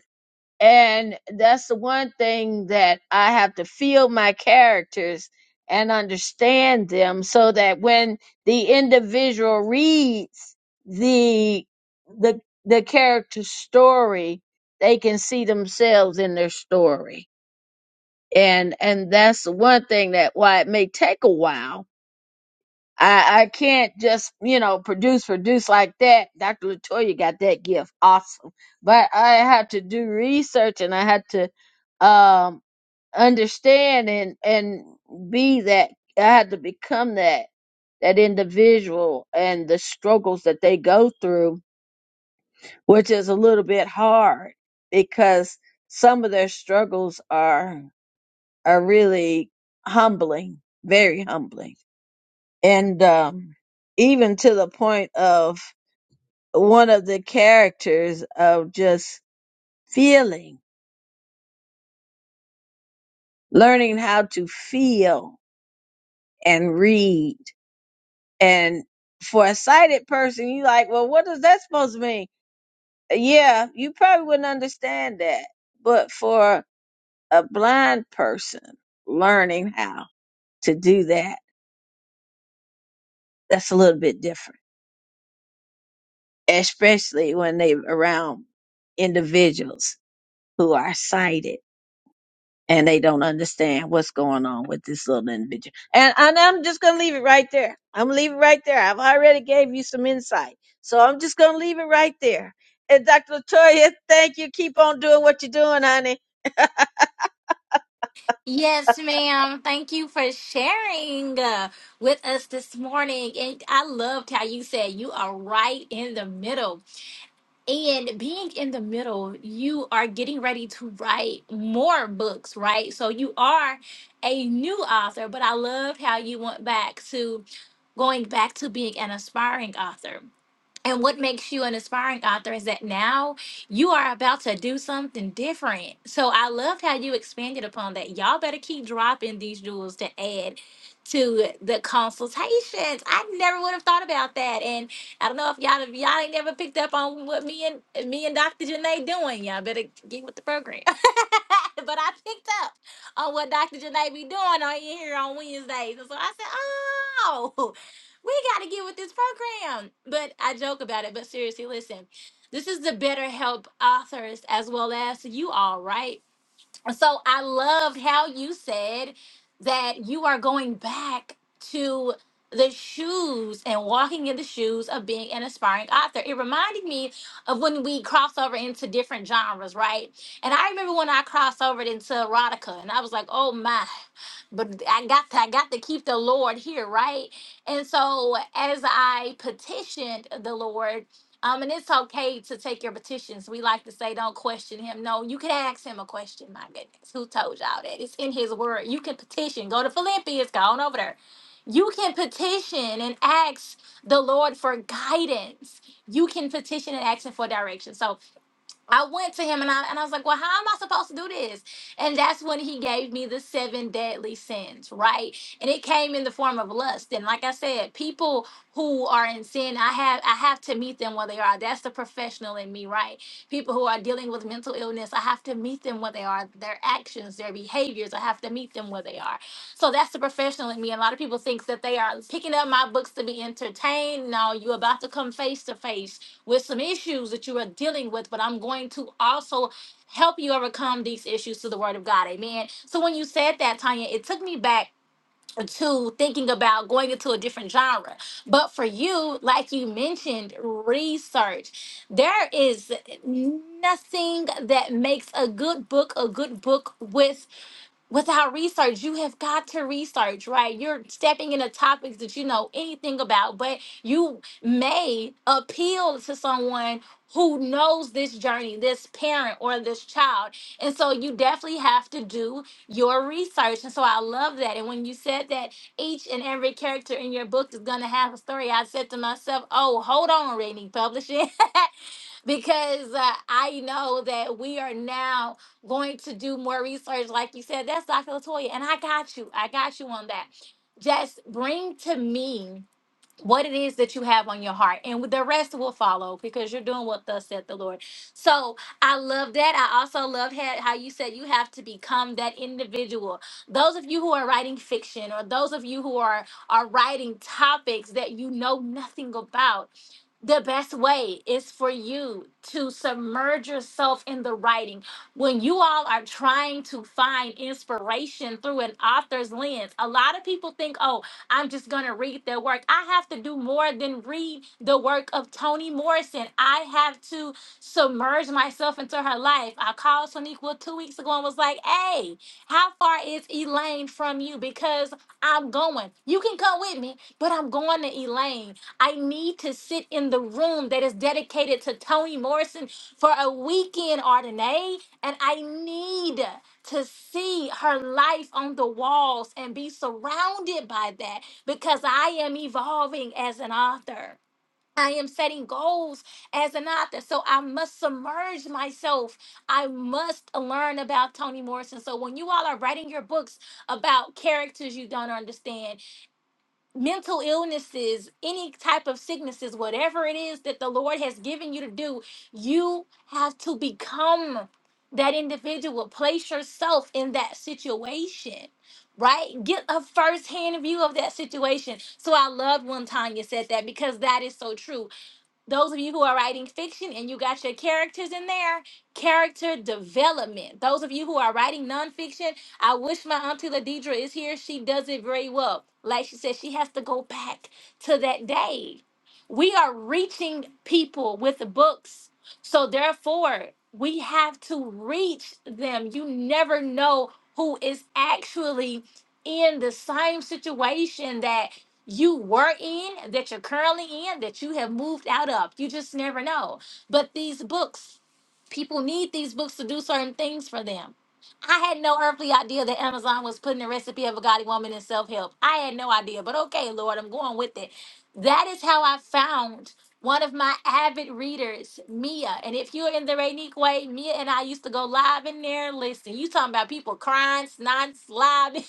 Speaker 5: And that's the one thing that I have to feel my characters and understand them so that when the individual reads the the the character story, they can see themselves in their story. And and that's the one thing that why it may take a while I, I can't just, you know, produce, produce like that. Dr. Latoya got that gift. Awesome. But I had to do research and I had to um understand and and be that I had to become that that individual and the struggles that they go through, which is a little bit hard because some of their struggles are are really humbling, very humbling and um, even to the point of one of the characters of just feeling, learning how to feel and read. And for a sighted person, you like, well, what does that supposed to mean? Yeah, you probably wouldn't understand that. But for a blind person, learning how to do that, that's a little bit different, especially when they're around individuals who are sighted and they don't understand what's going on with this little individual. And, and I'm just gonna leave it right there. I'm gonna leave it right there. I've already gave you some insight, so I'm just gonna leave it right there. And Dr. Latoya, thank you. Keep on doing what you're doing, honey.
Speaker 1: Yes, ma'am. Thank you for sharing uh, with us this morning. And I loved how you said you are right in the middle. And being in the middle, you are getting ready to write more books, right? So you are a new author, but I loved how you went back to going back to being an aspiring author. And what makes you an aspiring author is that now you are about to do something different. So I loved how you expanded upon that. Y'all better keep dropping these jewels to add to the consultations. I never would have thought about that. And I don't know if y'all if y'all ain't never picked up on what me and me and Dr. Janae doing. Y'all better get with the program. but I picked up on what Dr. Janae be doing on here on Wednesdays. And so I said, oh, we got to get with this program. But I joke about it. But seriously, listen, this is the BetterHelp authors as well as you all, right? so I loved how you said that you are going back to the shoes and walking in the shoes of being an aspiring author. It reminded me of when we cross over into different genres, right? And I remember when I crossed over into erotica and I was like, "Oh my, but I got to I got to keep the Lord here, right?" And so as I petitioned the Lord um, and it's okay to take your petitions. We like to say, don't question him. No, you can ask him a question. My goodness, who told y'all that? It's in his word. You can petition. Go to Philippians. Go on over there. You can petition and ask the Lord for guidance. You can petition and ask him for direction. So I went to him and I and I was like, "Well, how am I supposed to do this?" And that's when he gave me the seven deadly sins, right? And it came in the form of lust. And like I said, people who are in sin, I have I have to meet them where they are. That's the professional in me, right? People who are dealing with mental illness, I have to meet them where they are. Their actions, their behaviors, I have to meet them where they are. So that's the professional in me. And a lot of people think that they are picking up my books to be entertained. No, you're about to come face to face with some issues that you are dealing with, but I'm going to also help you overcome these issues through the word of God. Amen. So when you said that, Tanya, it took me back to thinking about going into a different genre. But for you, like you mentioned, research, there is nothing that makes a good book a good book with without research you have got to research right you're stepping into topics that you know anything about but you may appeal to someone who knows this journey this parent or this child and so you definitely have to do your research and so i love that and when you said that each and every character in your book is going to have a story i said to myself oh hold on rainy publishing because uh, I know that we are now going to do more research. Like you said, that's Dr. Latoya, and I got you. I got you on that. Just bring to me what it is that you have on your heart, and the rest will follow because you're doing what thus said the Lord. So I love that. I also love how, how you said you have to become that individual. Those of you who are writing fiction, or those of you who are are writing topics that you know nothing about. The best way is for you to submerge yourself in the writing. When you all are trying to find inspiration through an author's lens, a lot of people think, oh, I'm just going to read their work. I have to do more than read the work of Toni Morrison. I have to submerge myself into her life. I called Soniqua two weeks ago and was like, hey, how far is Elaine from you? Because I'm going. You can come with me, but I'm going to Elaine. I need to sit in the room that is dedicated to Toni Morrison for a weekend, Ardenae, and I need to see her life on the walls and be surrounded by that because I am evolving as an author. I am setting goals as an author. So I must submerge myself. I must learn about Toni Morrison. So when you all are writing your books about characters you don't understand, mental illnesses, any type of sicknesses, whatever it is that the Lord has given you to do, you have to become that individual. Place yourself in that situation. Right? Get a firsthand view of that situation. So I love when Tanya said that because that is so true those of you who are writing fiction and you got your characters in there, character development. Those of you who are writing nonfiction, I wish my auntie Ladidra is here. She does it very well. Like she said, she has to go back to that day. We are reaching people with the books. So therefore, we have to reach them. You never know who is actually in the same situation that you were in, that you're currently in, that you have moved out of. You just never know. But these books, people need these books to do certain things for them. I had no earthly idea that Amazon was putting the recipe of a godly woman in self help. I had no idea, but okay, Lord, I'm going with it. That is how I found one of my avid readers, Mia. And if you're in the Rainique way, Mia and I used to go live in there. Listen, you talking about people crying, snot, slobbing.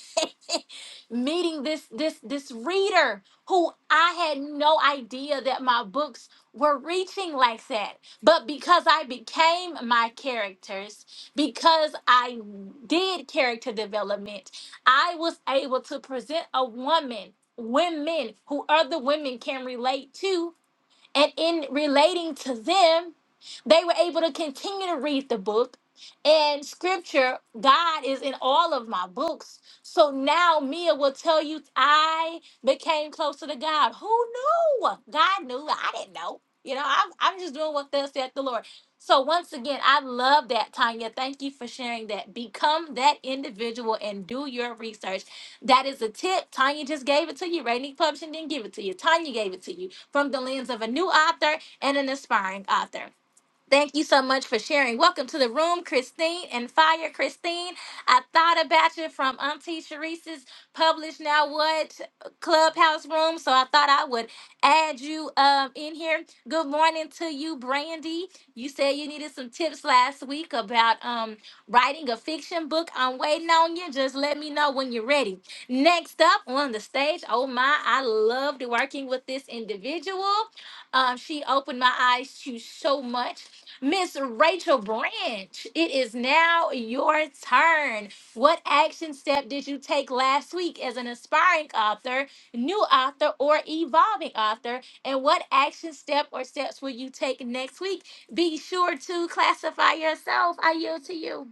Speaker 1: meeting this this this reader who I had no idea that my books were reaching like that. But because I became my characters, because I did character development, I was able to present a woman, women who other women can relate to and in relating to them, they were able to continue to read the book and scripture. God is in all of my books. So now Mia will tell you, I became closer to God. Who knew? God knew. I didn't know. You know, I'm, I'm just doing what thus said the Lord. So once again, I love that, Tanya. Thank you for sharing that. Become that individual and do your research. That is a tip. Tanya just gave it to you. Rainy Publishing didn't give it to you. Tanya gave it to you from the lens of a new author and an aspiring author. Thank you so much for sharing. Welcome to the room, Christine and Fire. Christine, I thought about you from Auntie Sharice's Publish Now What Clubhouse room, so I thought I would add you um, in here. Good morning to you, Brandy. You said you needed some tips last week about um, writing a fiction book. I'm waiting on you. Just let me know when you're ready. Next up on the stage, oh my, I loved working with this individual. Um, she opened my eyes to so much. Miss Rachel Branch, it is now your turn. What action step did you take last week as an aspiring author, new author, or evolving author? And what action step or steps will you take next week? Be sure to classify yourself. I yield to you.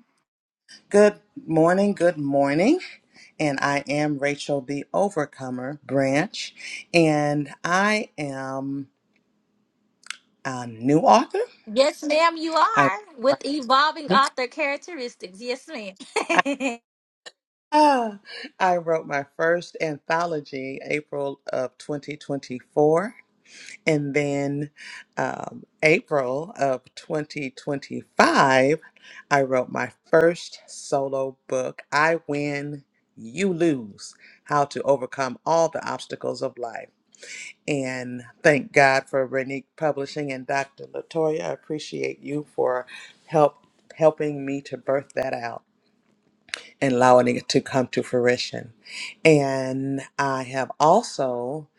Speaker 6: Good morning, good morning. And I am Rachel the Overcomer Branch, and I am a new author.
Speaker 1: Yes, ma'am, you
Speaker 6: I
Speaker 1: are with evolving author characteristics. Yes, ma'am.
Speaker 6: Ah, I wrote my first anthology April of 2024, and then um, April of 2025, I wrote my first solo book, I Win, You Lose How to Overcome All the Obstacles of Life. and thank God for Renique Publishing and Dr. Latoya. I appreciate you for help helping me to birth that out and allowing it to come to fruition. And I have also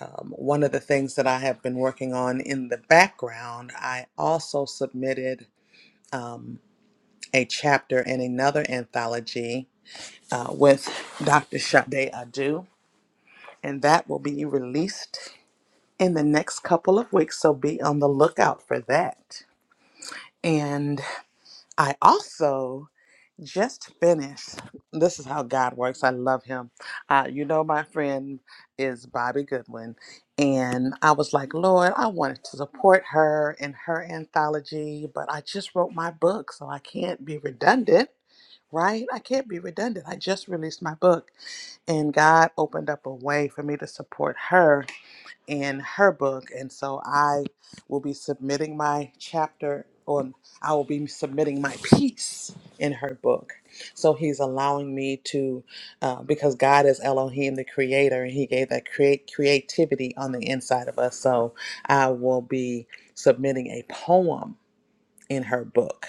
Speaker 6: um, one of the things that I have been working on in the background. I also submitted um, a chapter in another anthology uh, with Dr. Sade Adu, and that will be released in the next couple of weeks, so be on the lookout for that. And I also just finished. This is how God works. I love him. Uh, you know, my friend is Bobby Goodwin. And I was like, Lord, I wanted to support her in her anthology, but I just wrote my book, so I can't be redundant, right? I can't be redundant. I just released my book, and God opened up a way for me to support her in her book. And so I will be submitting my chapter or I will be submitting my piece in her book. So he's allowing me to, uh, because God is Elohim, the creator, and he gave that create creativity on the inside of us. So I will be submitting a poem in her book.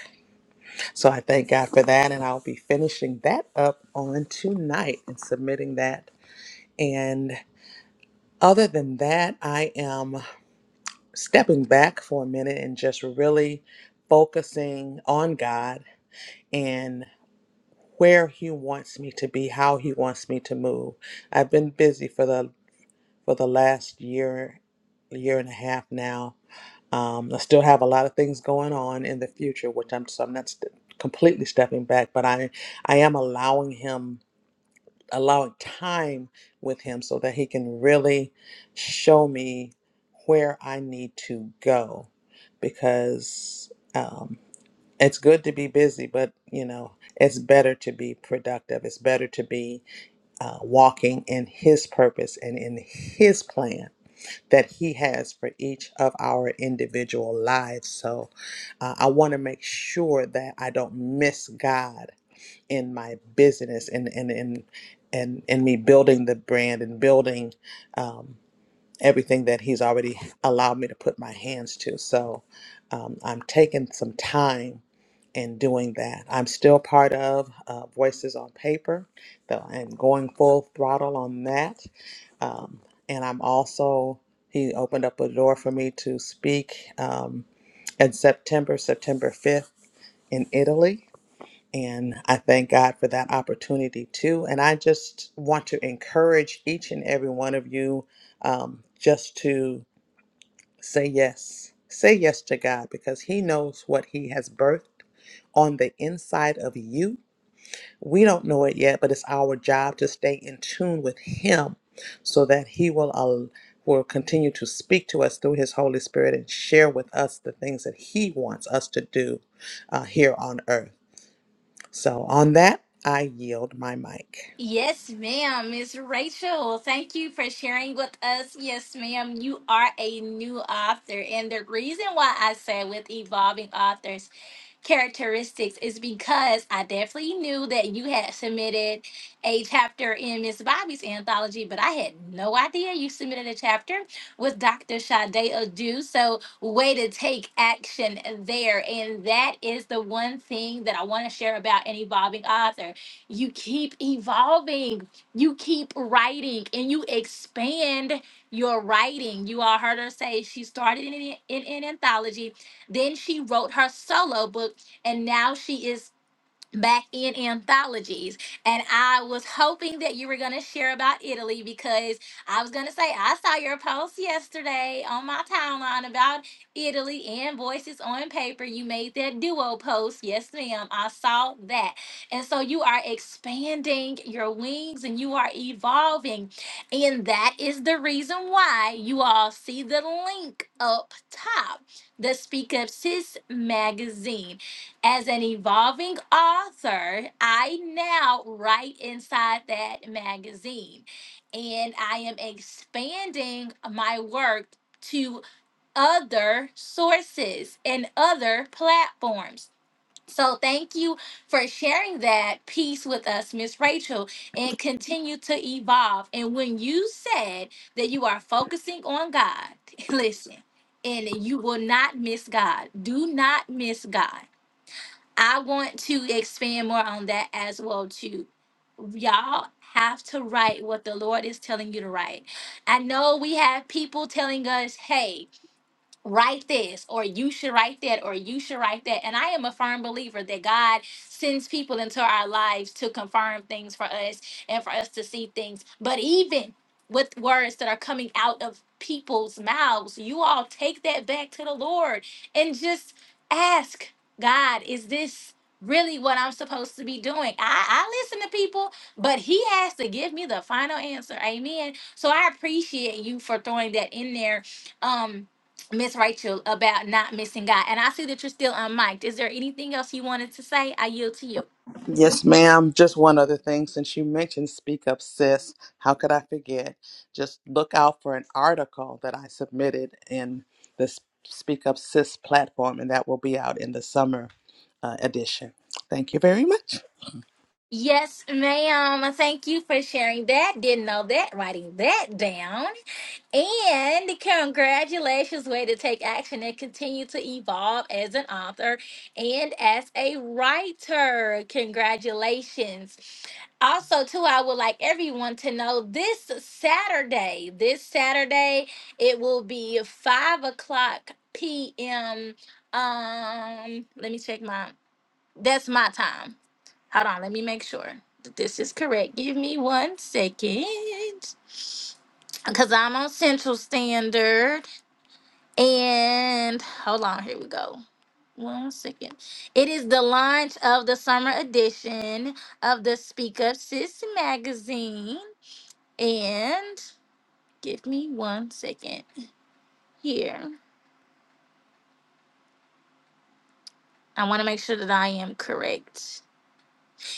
Speaker 6: So I thank God for that. And I'll be finishing that up on tonight and submitting that. And other than that, I am. stepping back for a minute and just really focusing on God and where he wants me to be, how he wants me to move. I've been busy for the for the last year, year and a half now. Um, I still have a lot of things going on in the future, which I'm so I'm not st- completely stepping back, but I I am allowing him allowing time with him so that he can really show me where I need to go because um, it's good to be busy, but you know, it's better to be productive. It's better to be uh, walking in his purpose and in his plan that he has for each of our individual lives. So uh, I want to make sure that I don't miss God in my business and and and and, and me building the brand and building um, everything that he's already allowed me to put my hands to. So um, I'm taking some time in doing that. I'm still part of uh, Voices on Paper, though I'm going full throttle on that. Um, and I'm also he opened up a door for me to speak um, in September, September 5th in Italy and I thank God for that opportunity too. And I just want to encourage each and every one of you um, just to say yes. Say yes to God because He knows what He has birthed on the inside of you. We don't know it yet, but it's our job to stay in tune with Him so that He will, al- will continue to speak to us through His Holy Spirit and share with us the things that He wants us to do uh, here on earth. So, on that, I yield my mic.
Speaker 1: Yes, ma'am, Miss Rachel. Thank you for sharing with us. Yes, ma'am, you are a new author. And the reason why I say with evolving authors characteristics is because I definitely knew that you had submitted a chapter in Miss Bobby's anthology, but I had no idea you submitted a chapter with Dr. Sade Adu. So, way to take action there. And that is the one thing that I want to share about an evolving author. You keep evolving, you keep writing, and you expand your writing. You all heard her say she started in, an- in an anthology then she wrote her solo book, and now she is back in anthologies and i was hoping that you were going to share about italy because i was going to say i saw your post yesterday on my timeline about italy and voices on paper you made that duo post yes ma'am i saw that and so you are expanding your wings and you are evolving and that is the reason why you all see the link up top the speak up sis magazine as an evolving author, I now write inside that magazine, and I am expanding my work to other sources and other platforms. So, thank you for sharing that piece with us, Miss Rachel, and continue to evolve. And when you said that you are focusing on God, listen, and you will not miss God. Do not miss God I want to expand more on that as well too. Y'all have to write what the Lord is telling you to write. I know we have people telling us, "Hey, write this or you should write that or you should write that and i am a firm believer that god sends people into our lives to confirm things for us and for us to see things but even with words that are coming out of people's mouths you all take that back to the lord and just ask god is this really what i'm supposed to be doing i, I listen to people but he has to give me the final answer amen so i appreciate you for throwing that in there um Miss Rachel about not missing God. And I see that you're still unmiked. Is there anything else you wanted to say? I yield to you.
Speaker 6: Yes, ma'am. Just one other thing. Since you mentioned Speak Up Sis, how could I forget? Just look out for an article that I submitted in the S- Speak Up Sis platform, and that will be out in the summer uh, edition. Thank you very much.
Speaker 1: Yes, ma'am. Thank you for sharing that. Didn't know that, writing that down. And congratulations, way to take action and continue to evolve as an author and as a writer. Congratulations. Also, too, I would like everyone to know this Saturday, this Saturday, it will be 5 o'clock p.m. Um, let me check my, that's my time. Hold on, let me make sure that this is correct. Give me one second. Because I'm on Central Standard. And hold on, here we go. One second. It is the launch of the summer edition of the Speak Up Sis magazine. And give me one second here. I want to make sure that I am correct.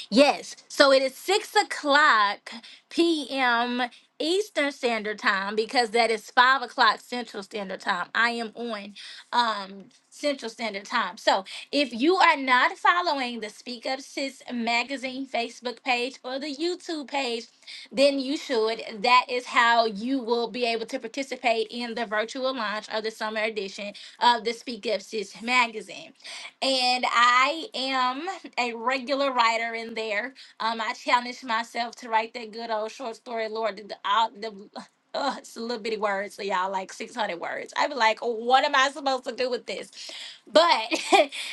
Speaker 1: Yes. So it is six o'clock p.m. Eastern Standard Time because that is five o'clock Central Standard Time. I am on um, Central Standard Time. So if you are not following the Speak Up Sis magazine Facebook page or the YouTube page, then you should. That is how you will be able to participate in the virtual launch of the summer edition of the Speak Up Sis magazine. And I am a regular writer in there. Um, I challenged myself to write that good old short story, Lord. The, the, all- the uh, it's a little bitty words, so y'all like 600 words. I'd be like, what am I supposed to do with this? But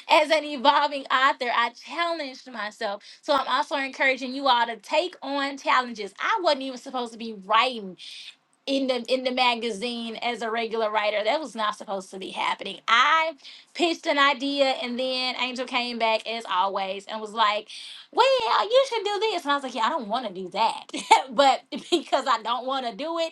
Speaker 1: as an evolving author, I challenged myself. So I'm also encouraging you all to take on challenges. I wasn't even supposed to be writing in the in the magazine as a regular writer. That was not supposed to be happening. I pitched an idea and then Angel came back as always and was like, Well, you should do this. And I was like, Yeah, I don't want to do that. but because I don't want to do it,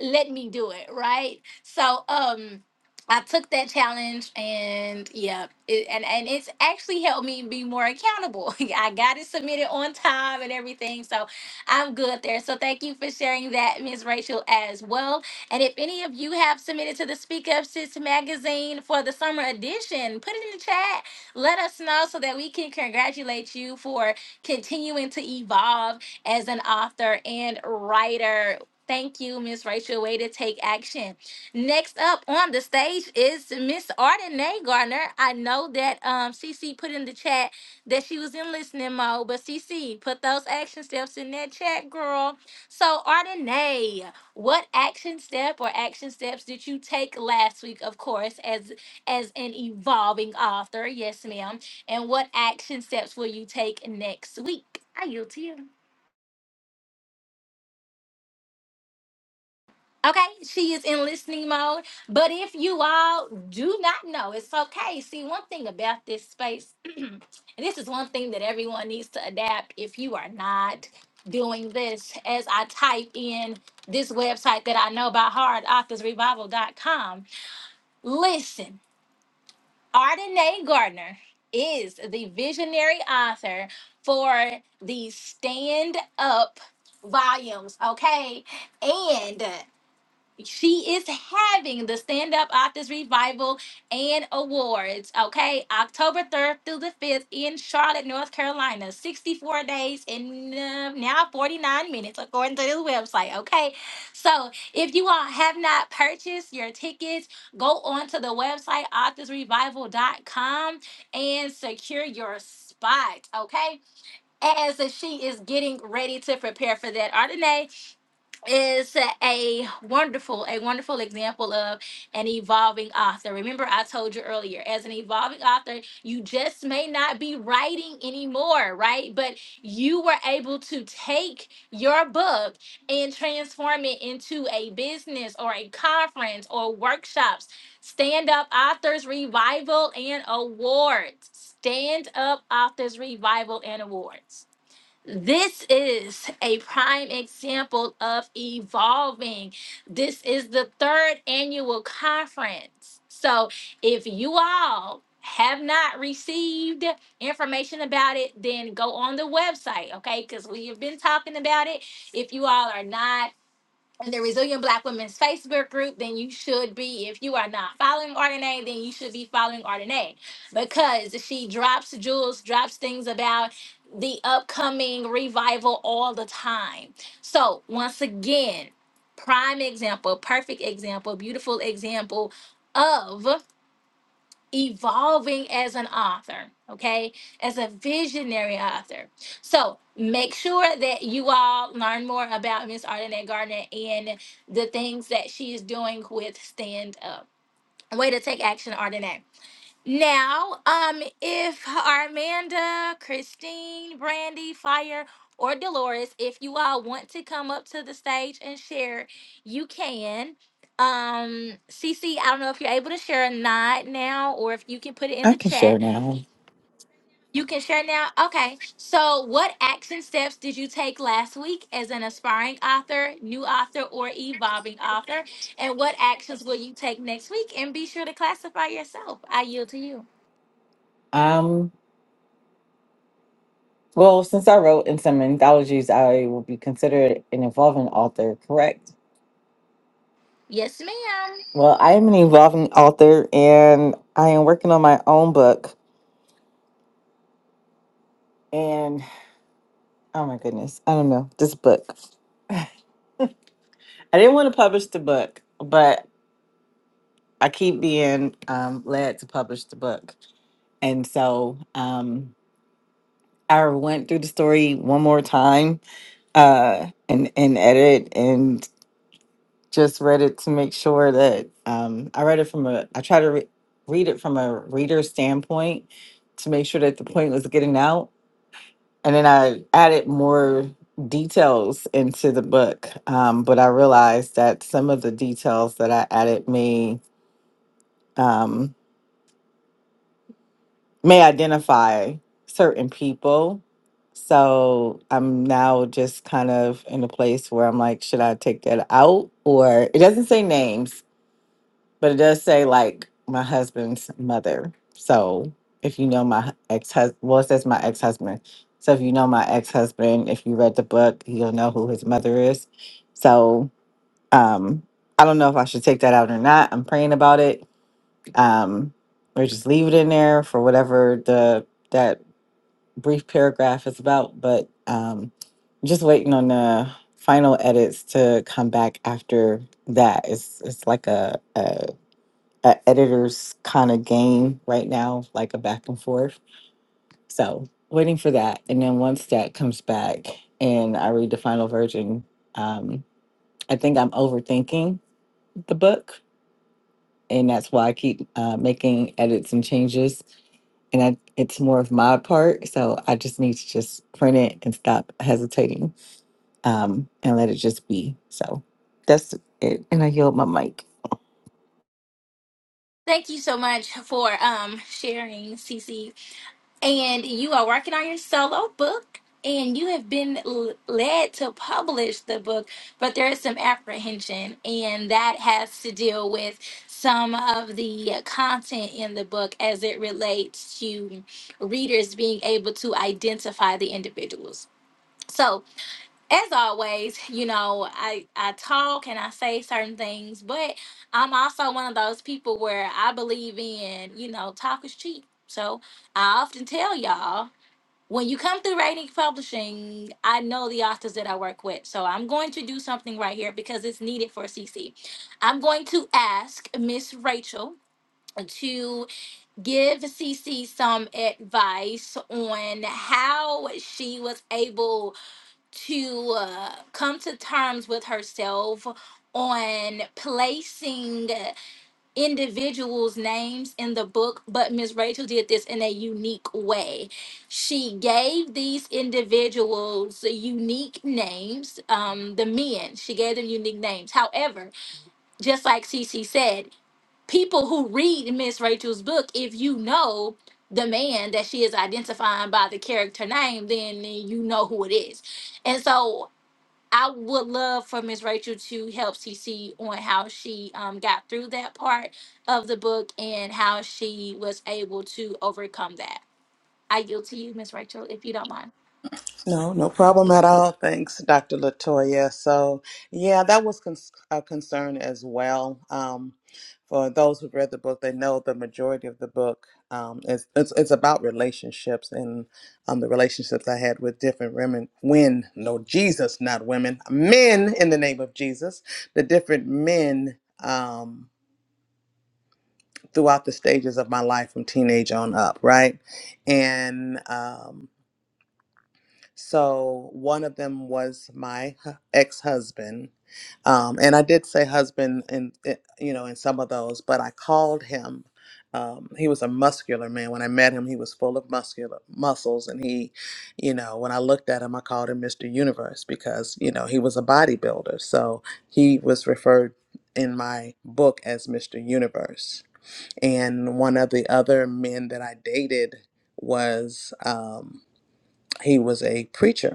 Speaker 1: let me do it right so um i took that challenge and yeah it, and and it's actually helped me be more accountable i got it submitted on time and everything so i'm good there so thank you for sharing that Miss rachel as well and if any of you have submitted to the speak up sis magazine for the summer edition put it in the chat let us know so that we can congratulate you for continuing to evolve as an author and writer. Thank you, Miss Rachel. Way to take action. Next up on the stage is Miss Ardenae Gardner. I know that um CC put in the chat that she was in listening mode, but CC put those action steps in that chat, girl. So Ardenae, what action step or action steps did you take last week? Of course, as as an evolving author, yes, ma'am. And what action steps will you take next week? I yield to you. Okay, she is in listening mode. But if you all do not know, it's okay. See, one thing about this space, and this is one thing that everyone needs to adapt if you are not doing this, as I type in this website that I know by heart, authors revival dot com. Listen, Ardenae Gardner is the visionary author for the Stand Up volumes, okay? and she is having the Stand Up Authors Revival and Awards, okay? October 3rd through the 5th in Charlotte, North Carolina. 64 days and uh, now 49 minutes, according to this website, okay? So if you all have not purchased your tickets, go on to the website authors revival dot com and secure your spot, okay? As she is getting ready to prepare for that, Ardenae is a wonderful a wonderful example of an evolving author remember i told you earlier as an evolving author you just may not be writing anymore right but you were able to take your book and transform it into a business or a conference or workshops stand up authors revival and awards stand up authors revival and awards this is a prime example of evolving. This is the third annual conference. So, if you all have not received information about it, then go on the website, okay? Because we have been talking about it. If you all are not in the Resilient Black Women's Facebook group, then you should be. If you are not following Ardenae, then you should be following Ardenae because she drops jewels, drops things about the upcoming revival all the time. So, once again, prime example, perfect example, beautiful example of evolving as an author, okay? As a visionary author. So make sure that you all learn more about Miss Ardenette Gardner and the things that she is doing with Stand Up. Way to take action, Ardenette. Now, um, if Armanda, Christine, Brandy, Fire, or Dolores, if you all want to come up to the stage and share, you can. Um, CC, I don't know if you're able to share or not now, or if you can put it in
Speaker 7: I
Speaker 1: the
Speaker 7: can
Speaker 1: chat.
Speaker 7: share now.
Speaker 1: You can share now. Okay. So, what action steps did you take last week as an aspiring author, new author, or evolving author? And what actions will you take next week? And be sure to classify yourself. I yield to you.
Speaker 7: Um, well, since I wrote in some anthologies, I will be considered an evolving author, correct?
Speaker 1: Yes, ma'am.
Speaker 7: Well, I am an evolving author and I am working on my own book. And oh my goodness, I don't know, this book. I didn't want to publish the book, but I keep being um, led to publish the book. And so um, I went through the story one more time uh, and, and edit. just read it to make sure that um, I read it from a, I try to re- read it from a reader's standpoint to make sure that the point was getting out. And then I added more details into the book. Um, but I realized that some of the details that I added may, um, may identify certain people. So I'm now just kind of in a place where I'm like, should I take that out? Or it doesn't say names but it does say like my husband's mother. So if you know my ex husband, well, it says my ex husband. So if you know my ex husband, if you read the book, you'll know who his mother is. So um, I don't know if I should take that out or not. I'm praying about it, um, or just leave it in there for whatever the that brief paragraph is about. But um, just waiting on the final edits to come back after that. It's it's like a, a a editor's kind of game right now, like a back and forth. So waiting for that, and then once that comes back and I read the final version, um, I think I'm overthinking the book, and that's why I keep uh, making edits and changes. And I, it's more of my part, so I just need to just print it and stop hesitating um, and let it just be. So that's it, and I yield my mic.
Speaker 1: Thank you so much for um sharing, Cece. And you are working on your solo book, and you have been l- led to publish the book, but there is some apprehension, and that has to deal with some of the content in the book as it relates to readers being able to identify the individuals. So, as always, you know, I I talk and I say certain things, but I'm also one of those people where I believe in, you know, talk is cheap. So I often tell y'all when you come through writing publishing, I know the authors that I work with. So I'm going to do something right here because it's needed for CC. I'm going to ask Miss Rachel to give CC some advice on how she was able to uh, come to terms with herself on placing individuals' names in the book, but Miss Rachel did this in a unique way. She gave these individuals unique names, um, the men, she gave them unique names. However, just like Cece said, people who read Miss Rachel's book, if you know the man that she is identifying by the character name, then you know who it is. And so I would love for Miss Rachel to help CC on how she um, got through that part of the book and how she was able to overcome that. I yield to you, Miss Rachel, if you don't mind.
Speaker 6: No, no problem at all. Thanks, Dr. Latoya. So, yeah, that was con- a concern as well. Um, for those who've read the book, they know the majority of the book um, is it's, it's about relationships and um, the relationships I had with different women. When no Jesus, not women, men in the name of Jesus, the different men um, throughout the stages of my life from teenage on up, right? And um, so one of them was my hu- ex-husband, um, and I did say husband in i- you know in some of those, but I called him. Um, he was a muscular man. When I met him, he was full of muscular muscles, and he, you know, when I looked at him, I called him Mr. Universe because you know he was a bodybuilder. So he was referred in my book as Mr. Universe. And one of the other men that I dated was um, he was a preacher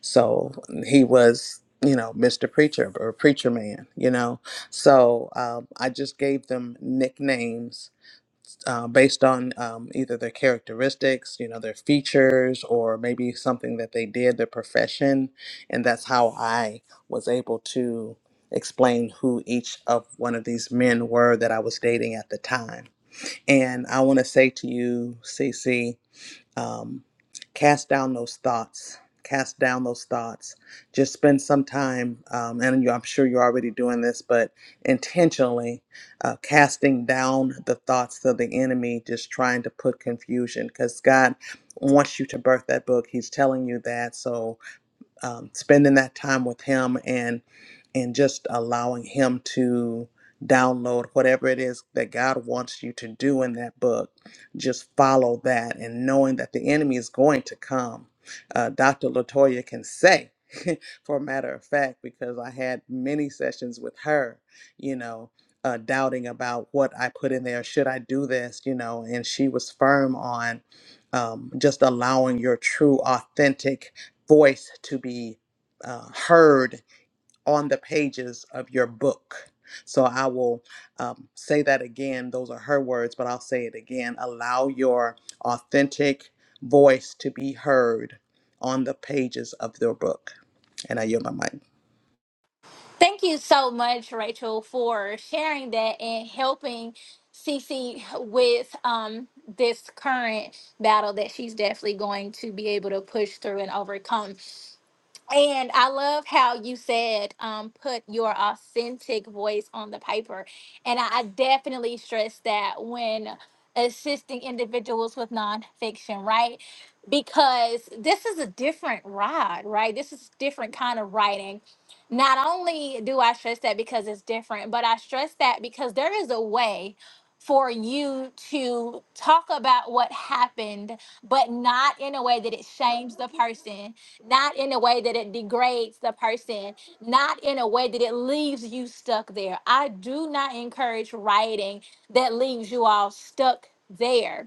Speaker 6: so he was, you know, Mr. Preacher or Preacher Man, you know. So um, I just gave them nicknames uh, based on um, either their characteristics, you know, their features, or maybe something that they did, their profession. And that's how I was able to explain who each of one of these men were that I was dating at the time. And I want to say to you, Cece, um, cast down those thoughts cast down those thoughts just spend some time um, and you, i'm sure you're already doing this but intentionally uh, casting down the thoughts of the enemy just trying to put confusion because god wants you to birth that book he's telling you that so um, spending that time with him and and just allowing him to download whatever it is that God wants you to do in that book. Just follow that and knowing that the enemy is going to come. Uh, Dr. Latoya can say, for a matter of fact, because I had many sessions with her, you know, uh, doubting about what I put in there. Should I do this? You know, and she was firm on um, just allowing your true, authentic voice to be uh, heard on the pages of your book. So I will um, say that again. Those are her words, but I'll say it again. Allow your authentic voice to be heard on the pages of your book. And I yield my mic.
Speaker 1: Thank you so much, Rachel, for sharing that and helping CC with um, this current battle that she's definitely going to be able to push through and overcome. And I love how you said, um, put your authentic voice on the paper. And I, I definitely stress that when assisting individuals with nonfiction, right? Because this is a different ride, right? This is different kind of writing. Not only do I stress that because it's different, but I stress that because there is a way for you to talk about what happened, but not in a way that it shames the person not in a way that it degrades the person, not in a way that it leaves you stuck there. I do not encourage writing that leaves you all stuck there.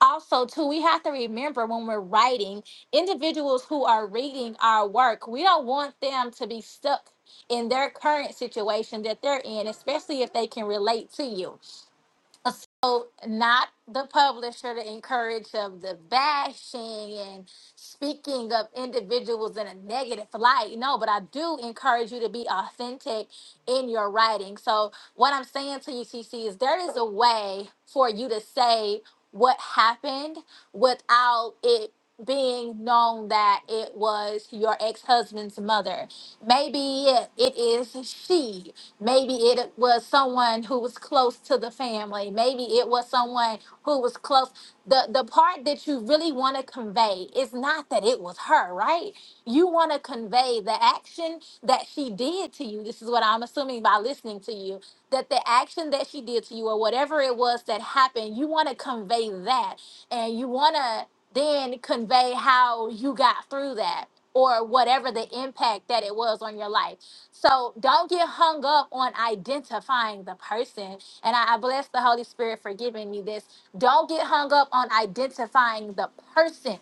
Speaker 1: Also, too, we have to remember when we're writing, individuals who are reading our work, we don't want them to be stuck in their current situation that they're in, especially if they can relate to you. So not the publisher to encourage of the bashing and speaking of individuals in a negative light. No, but I do encourage you to be authentic in your writing. So what I'm saying to you, TC, is there is a way for you to say what happened without it being known that it was your ex-husband's mother. Maybe it, it is she. Maybe it was someone who was close to the family. Maybe it was someone who was close. The the part that you really want to convey is not that it was her, right? You want to convey the action that she did to you. This is what I'm assuming by listening to you, that the action that she did to you or whatever it was that happened, you want to convey that and you want to then convey how you got through that or whatever the impact that it was on your life. So don't get hung up on identifying the person. And I, I bless the Holy Spirit for giving me this. Don't get hung up on identifying the person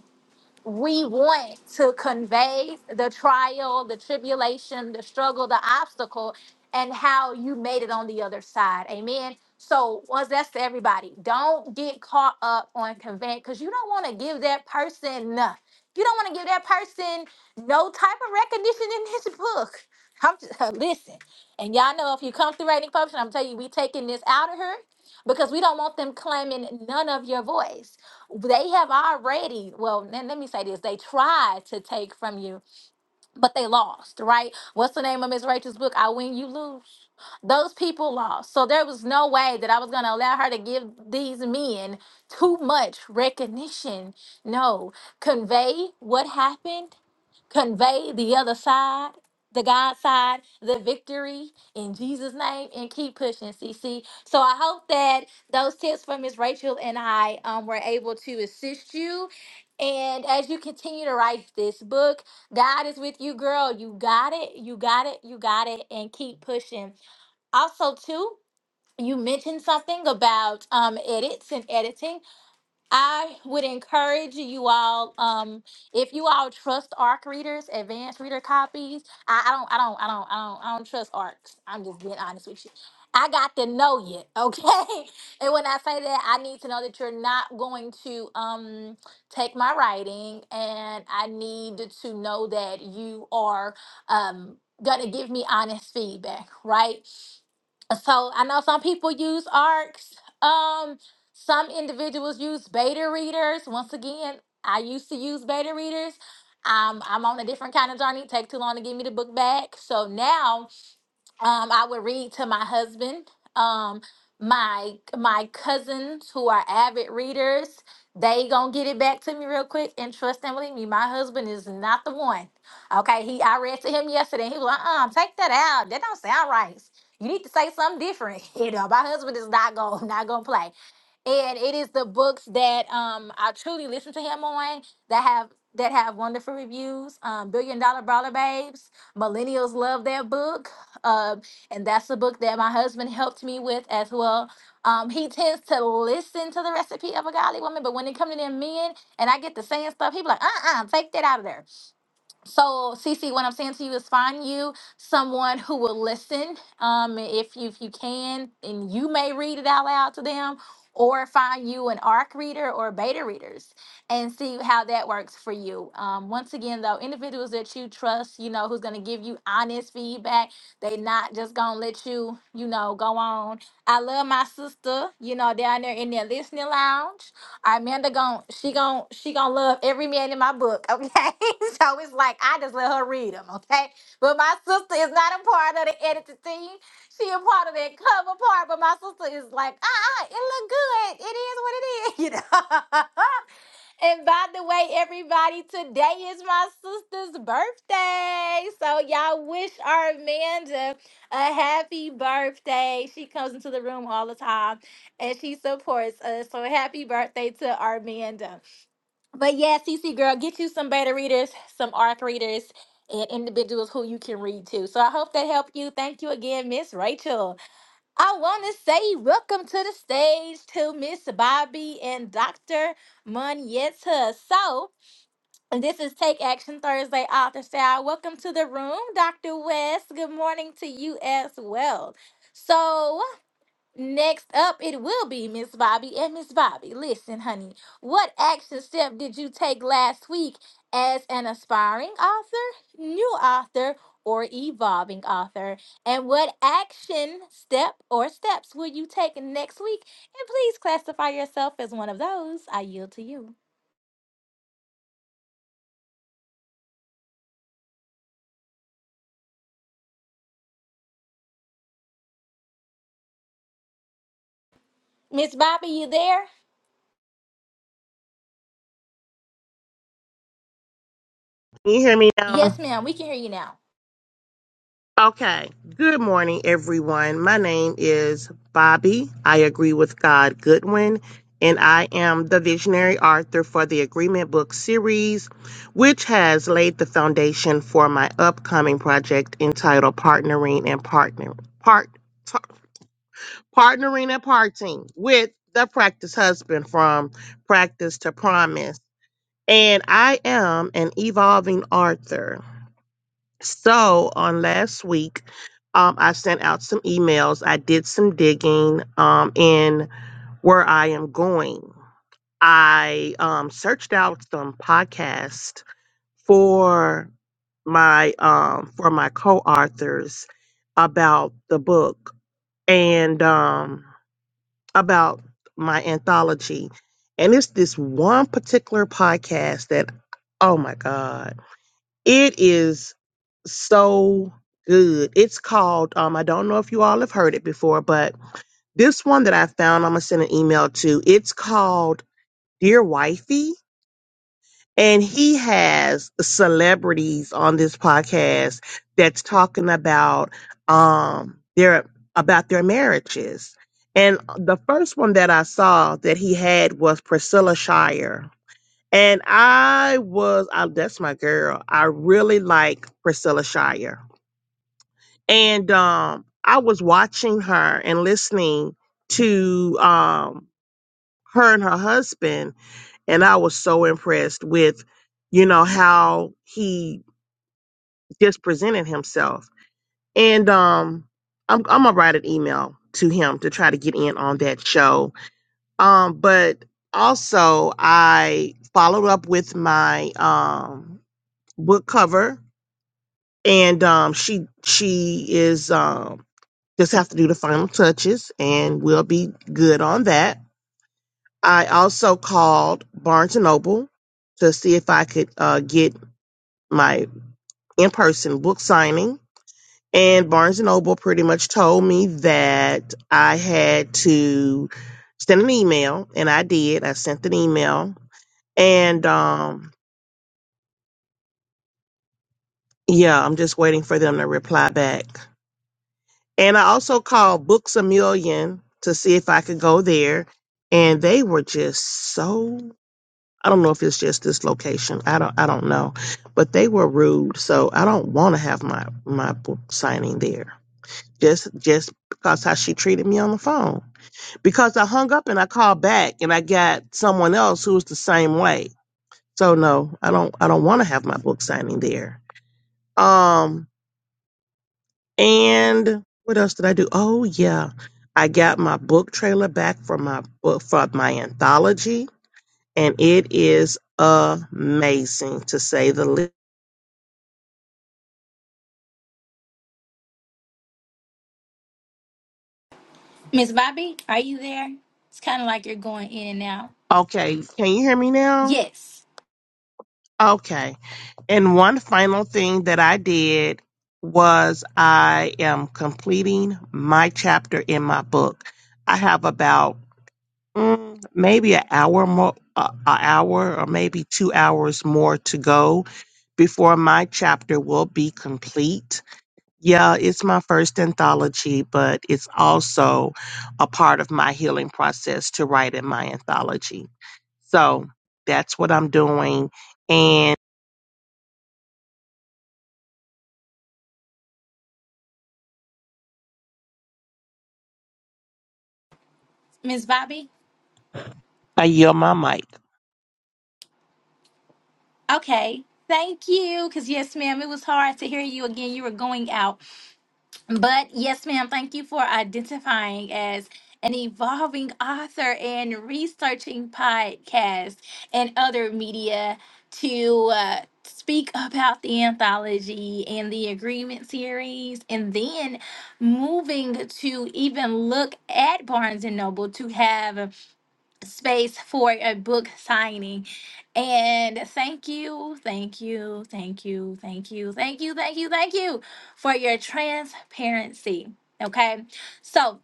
Speaker 1: we want to convey the trial, the tribulation, the struggle, the obstacle, and how you made it on the other side. Amen. So, once that's to everybody, don't get caught up on conveying because you don't want to give that person, uh, you don't want to give that person no type of recognition in this book. I'm just, listen, and y'all know if you come through writing function, I'm telling you, we taking this out of her because we don't want them claiming none of your voice. They have already, well, let let me say this, they tried to take from you but they lost, right? What's the name of Miss Rachel's book? I win, you lose. Those people lost. So there was no way that I was going to allow her to give these men too much recognition. No, convey what happened, convey the other side. The God side, the victory in Jesus' name, and keep pushing, CC. So I hope that those tips from Miss Rachel and I um, were able to assist you and as you continue to write this book, God is with you, girl. You got it. You got it. You got it. And keep pushing. Also, too, you mentioned something about um, edits and editing. I would encourage you all, um, if you all trust ARC readers, advanced reader copies. I, I don't, I don't, I don't, I don't, I don't trust ARCs. I'm just being honest with you. I got to know you, okay? and when I say that, I need to know that you're not going to um take my writing, and I need to know that you are um gonna give me honest feedback, right? So I know some people use ARCs. Um, some individuals use beta readers. Once again, I used to use beta readers. Um, I'm on a different kind of journey. Take too long to give me the book back. So now um, I would read to my husband. Um, my my cousins who are avid readers, they gonna get it back to me real quick. And trust and believe me, my husband is not the one. Okay, he I read to him yesterday. and He was like, "Uh, take that out. That don't sound right. You need to say something different. You know, my husband is not gonna not gonna play. And it is the books that um I truly listen to him on that have that have wonderful reviews. Um, Billion Dollar Brawler Babes. Millennials love that book. Um, and that's the book that my husband helped me with as well. Um, he tends to listen to the recipe of a godly woman, but when it comes to them men and I get the same stuff, he be like, uh uh take that out of there so Cece, what i'm saying to you is find you someone who will listen um if you if you can and you may read it out loud to them or find you an arc reader or beta readers and see how that works for you um, once again though individuals that you trust you know who's going to give you honest feedback they not just gonna let you you know go on i love my sister you know down there in their listening lounge right, Amanda gon' she gon' she gon' love every man in my book, okay? so it's like I just let her read them, okay? But my sister is not a part of the editing team. She a part of that cover part, but my sister is like, ah, uh-uh, it look good. It is what it is, you know. And by the way, everybody, today is my sister's birthday. So y'all wish our Amanda a happy birthday. She comes into the room all the time and she supports us. So happy birthday to our Amanda. But yeah, CC girl, get you some beta readers, some ARC readers, and individuals who you can read to. So I hope that helped you. Thank you again, Miss Rachel. I want to say welcome to the stage to Miss Bobby and Dr. Munyeta. So, this is Take Action Thursday Author Style. Welcome to the room, Dr. West. Good morning to you as well. So, Next up, it will be Miss Bobby. And Miss Bobby, listen, honey, what action step did you take last week as an aspiring author, new author, or evolving author? And what action step or steps will you take next week? And please classify yourself as one of those. I yield to you. Miss Bobby, you there?
Speaker 8: Can you hear me
Speaker 1: Yes,
Speaker 8: now?
Speaker 1: ma'am. We can hear you now.
Speaker 8: Okay. Good morning, everyone. My name is Bobby. I agree with God Goodwin, and I am the visionary author for the Agreement Book series, which has laid the foundation for my upcoming project entitled Partnering and Partner Part Tar- Partnering and Parting with the Practice Husband from Practice to Promise. And I am an evolving author. So on last week, um, I sent out some emails. I did some digging um, in where I am going. I um, searched out some podcasts for my um, for my co-authors about the book and um, about my anthology. And it's this one particular podcast that, oh my god. It is so good. It's called, um, I don't know if you all have heard it before, but this one that I found, I'm going to send an email to. It's called Dear Wifey. And he has celebrities on this podcast that's talking about, um, their, about their marriages. And the first one that I saw that he had was Priscilla Shire and I was, I, that's my girl. I really like Priscilla Shire. And um, I was watching her and listening to um, her and her husband. And I was so impressed with, you know, how he just presented himself. And um, I'm, I'm going to write an email to him to try to get in on that show. Um, but also, I followed up with my um, book cover and um, she she is um, just have to do the final touches, and we'll be good on that. I also called Barnes and Noble to see if I could uh, get my in person book signing, and Barnes and Noble pretty much told me that I had to send an email, and I did. I sent an email, and um, yeah, I'm just waiting for them to reply back. And I also called Books a Million to see if I could go there. And they were just so I don't know if it's just this location. I don't I don't know. But they were rude. So I don't want to have my, my book signing there. Just just because how she treated me on the phone. Because I hung up and I called back and I got someone else who was the same way. So no, I don't I don't want to have my book signing there. Um. And what else did I do? Oh yeah, I got my book trailer back from my book from my anthology, and it is amazing to say the least.
Speaker 1: Miss Bobby, are you there? It's kind of like you're going in and out.
Speaker 8: Okay, can you hear me now?
Speaker 1: Yes.
Speaker 8: Okay. And one final thing that I did was I am completing my chapter in my book. I have about mm, maybe an hour more, uh, an hour or maybe two hours more to go before my chapter will be complete. Yeah, it's my first anthology, but it's also a part of my healing process to write in my anthology. So that's what I'm doing. And
Speaker 1: Miss Bobby?
Speaker 8: I yield my mic.
Speaker 1: Okay. Thank you. Because, yes, ma'am, it was hard to hear you again. You were going out. But, yes, ma'am, thank you for identifying as an evolving author and researching podcasts and other media to uh, speak about the anthology and the agreement series, and then moving to even look at Barnes and Noble to have space for a book signing. And thank you, thank you, thank you, thank you, thank you, thank you, thank you for your transparency. Okay. So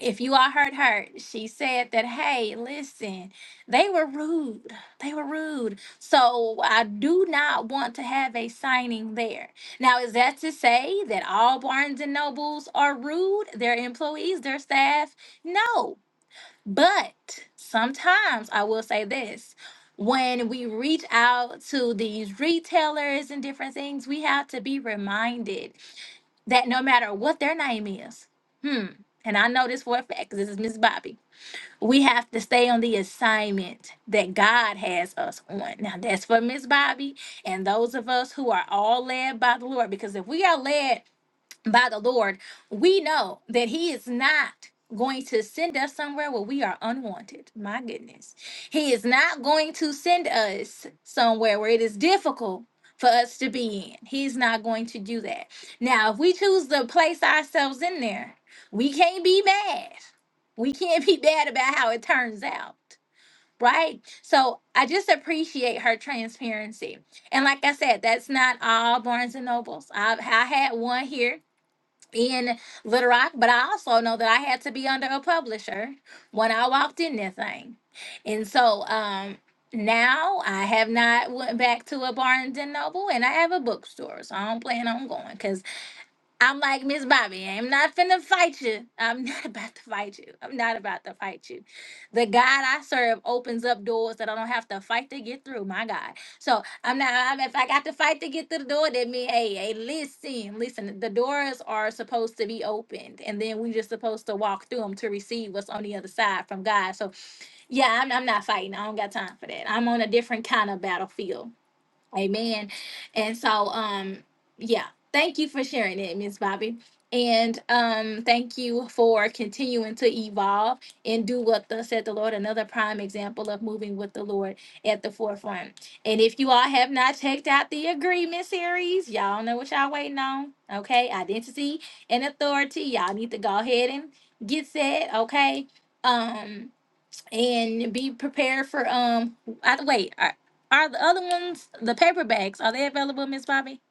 Speaker 1: if you all heard her, she said that, hey, listen, they were rude. They were rude. So I do not want to have a signing there. Now, is that to say that all Barnes and Nobles are rude, their employees, their staff? No. But sometimes I will say this when we reach out to these retailers and different things, we have to be reminded that no matter what their name is, hmm, and I know this for a fact because this is Miss Bobby. We have to stay on the assignment that God has us on. Now, that's for Miss Bobby and those of us who are all led by the Lord. Because if we are led by the Lord, we know that He is not going to send us somewhere where we are unwanted. My goodness. He is not going to send us somewhere where it is difficult for us to be in. He's not going to do that. Now, if we choose to place ourselves in there, we can't be mad. We can't be bad about how it turns out. Right? So I just appreciate her transparency. And like I said, that's not all Barnes and Nobles. I've, I had one here in Little Rock, but I also know that I had to be under a publisher when I walked in that thing. And so um now I have not went back to a Barnes and Noble and I have a bookstore. So I don't plan on going because I'm like, Miss Bobby, I'm not finna fight you. I'm not about to fight you. I'm not about to fight you. The God I serve opens up doors that I don't have to fight to get through, my God. So I'm not, I'm, if I got to fight to get through the door, that means, hey, hey, listen, listen, the doors are supposed to be opened and then we just supposed to walk through them to receive what's on the other side from God. So yeah, I'm, I'm not fighting. I don't got time for that. I'm on a different kind of battlefield. Amen. And so, um, yeah, thank you for sharing it, Miss Bobby. And um, thank you for continuing to evolve and do what thus said the Lord. Another prime example of moving with the Lord at the forefront. And if you all have not checked out the agreement series, y'all know what y'all waiting on. Okay, identity and authority. Y'all need to go ahead and get set. Okay. Um, and be prepared for um. I, wait, are, are the other ones the paper bags? Are they available, Miss Bobby?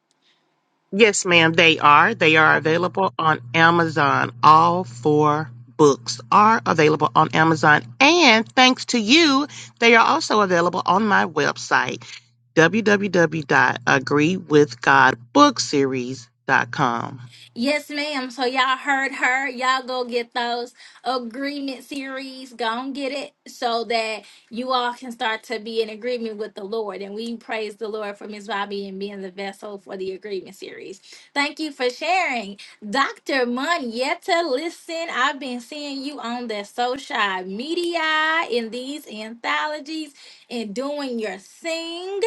Speaker 8: Yes, ma'am, they are. They are available on Amazon. All four books are available on Amazon. And thanks to you, they are also available on my website, www.agreewithgodbookseries.com.
Speaker 1: Yes, ma'am. So y'all heard her. Y'all go get those agreement series. Go and get it so that you all can start to be in agreement with the Lord. And we praise the Lord for Ms. Bobby and being the vessel for the agreement series. Thank you for sharing. Dr. Monietta, listen, I've been seeing you on the social media in these anthologies and doing your thing.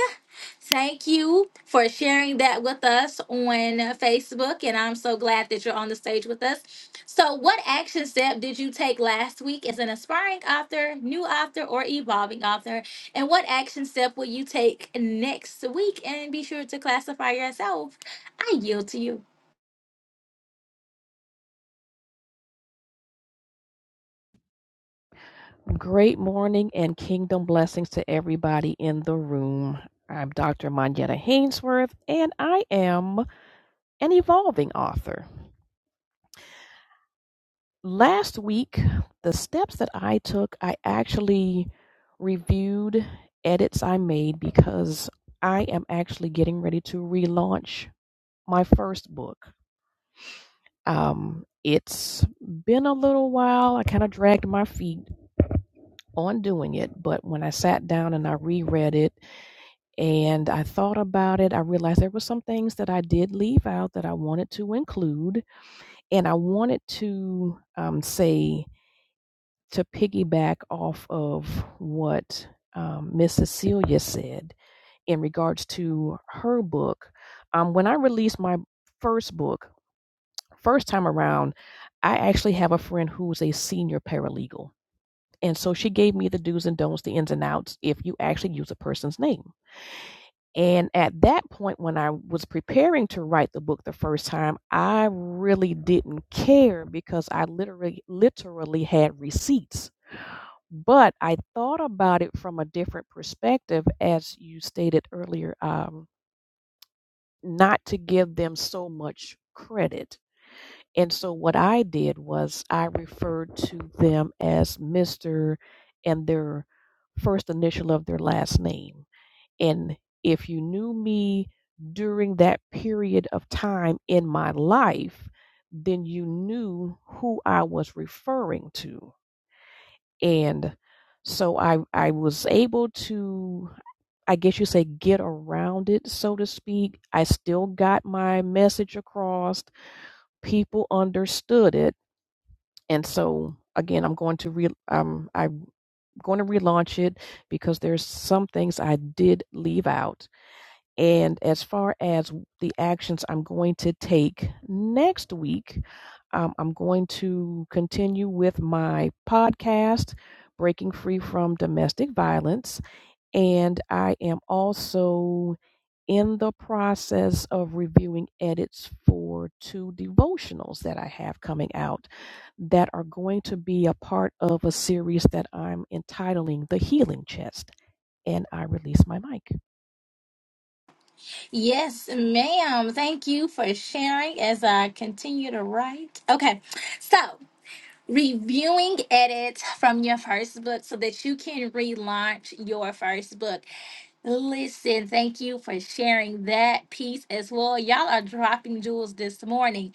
Speaker 1: Thank you for sharing that with us on Facebook, and I'm so glad that you're on the stage with us. So, what action step did you take last week as an aspiring author, new author, or evolving author? And what action step will you take next week? And be sure to classify yourself. I yield to you.
Speaker 9: Great morning and kingdom blessings to everybody in the room. I'm Dr. Manjetta Hainsworth, and I am an evolving author. Last week, the steps that I took, I actually reviewed edits I made because I am actually getting ready to relaunch my first book. Um, it's been a little while. I kind of dragged my feet on doing it, but when I sat down and I reread it, And I thought about it. I realized there were some things that I did leave out that I wanted to include. And I wanted to um, say, to piggyback off of what um, Miss Cecilia said in regards to her book. Um, when I released my first book, first time around, I actually have a friend who's a senior paralegal. And so she gave me the do's and don'ts, the ins and outs, if you actually use a person's name. And at that point, when I was preparing to write the book the first time, I really didn't care because I literally, literally had receipts. But I thought about it from a different perspective, as you stated earlier, um, not to give them so much credit. And so what I did was I referred to them as Mr. and their first initial of their last name. And if you knew me during that period of time in my life, then you knew who I was referring to. And so I I was able to I guess you say get around it so to speak. I still got my message across. People understood it. And so again, I'm going to re um I'm going to relaunch it because there's some things I did leave out And as far as the actions I'm going to take next week, um, I'm going to continue with my podcast, Breaking Free from Domestic Violence. And I am also in the process of reviewing edits for two devotionals that I have coming out that are going to be a part of a series that I'm entitling The Healing Chest. And I release my mic.
Speaker 1: Yes, ma'am. Thank you for sharing as I continue to write. Okay, so. reviewing edits from your first book so that you can relaunch your first book. Listen, thank you for sharing that piece as well. Y'all are dropping jewels this morning.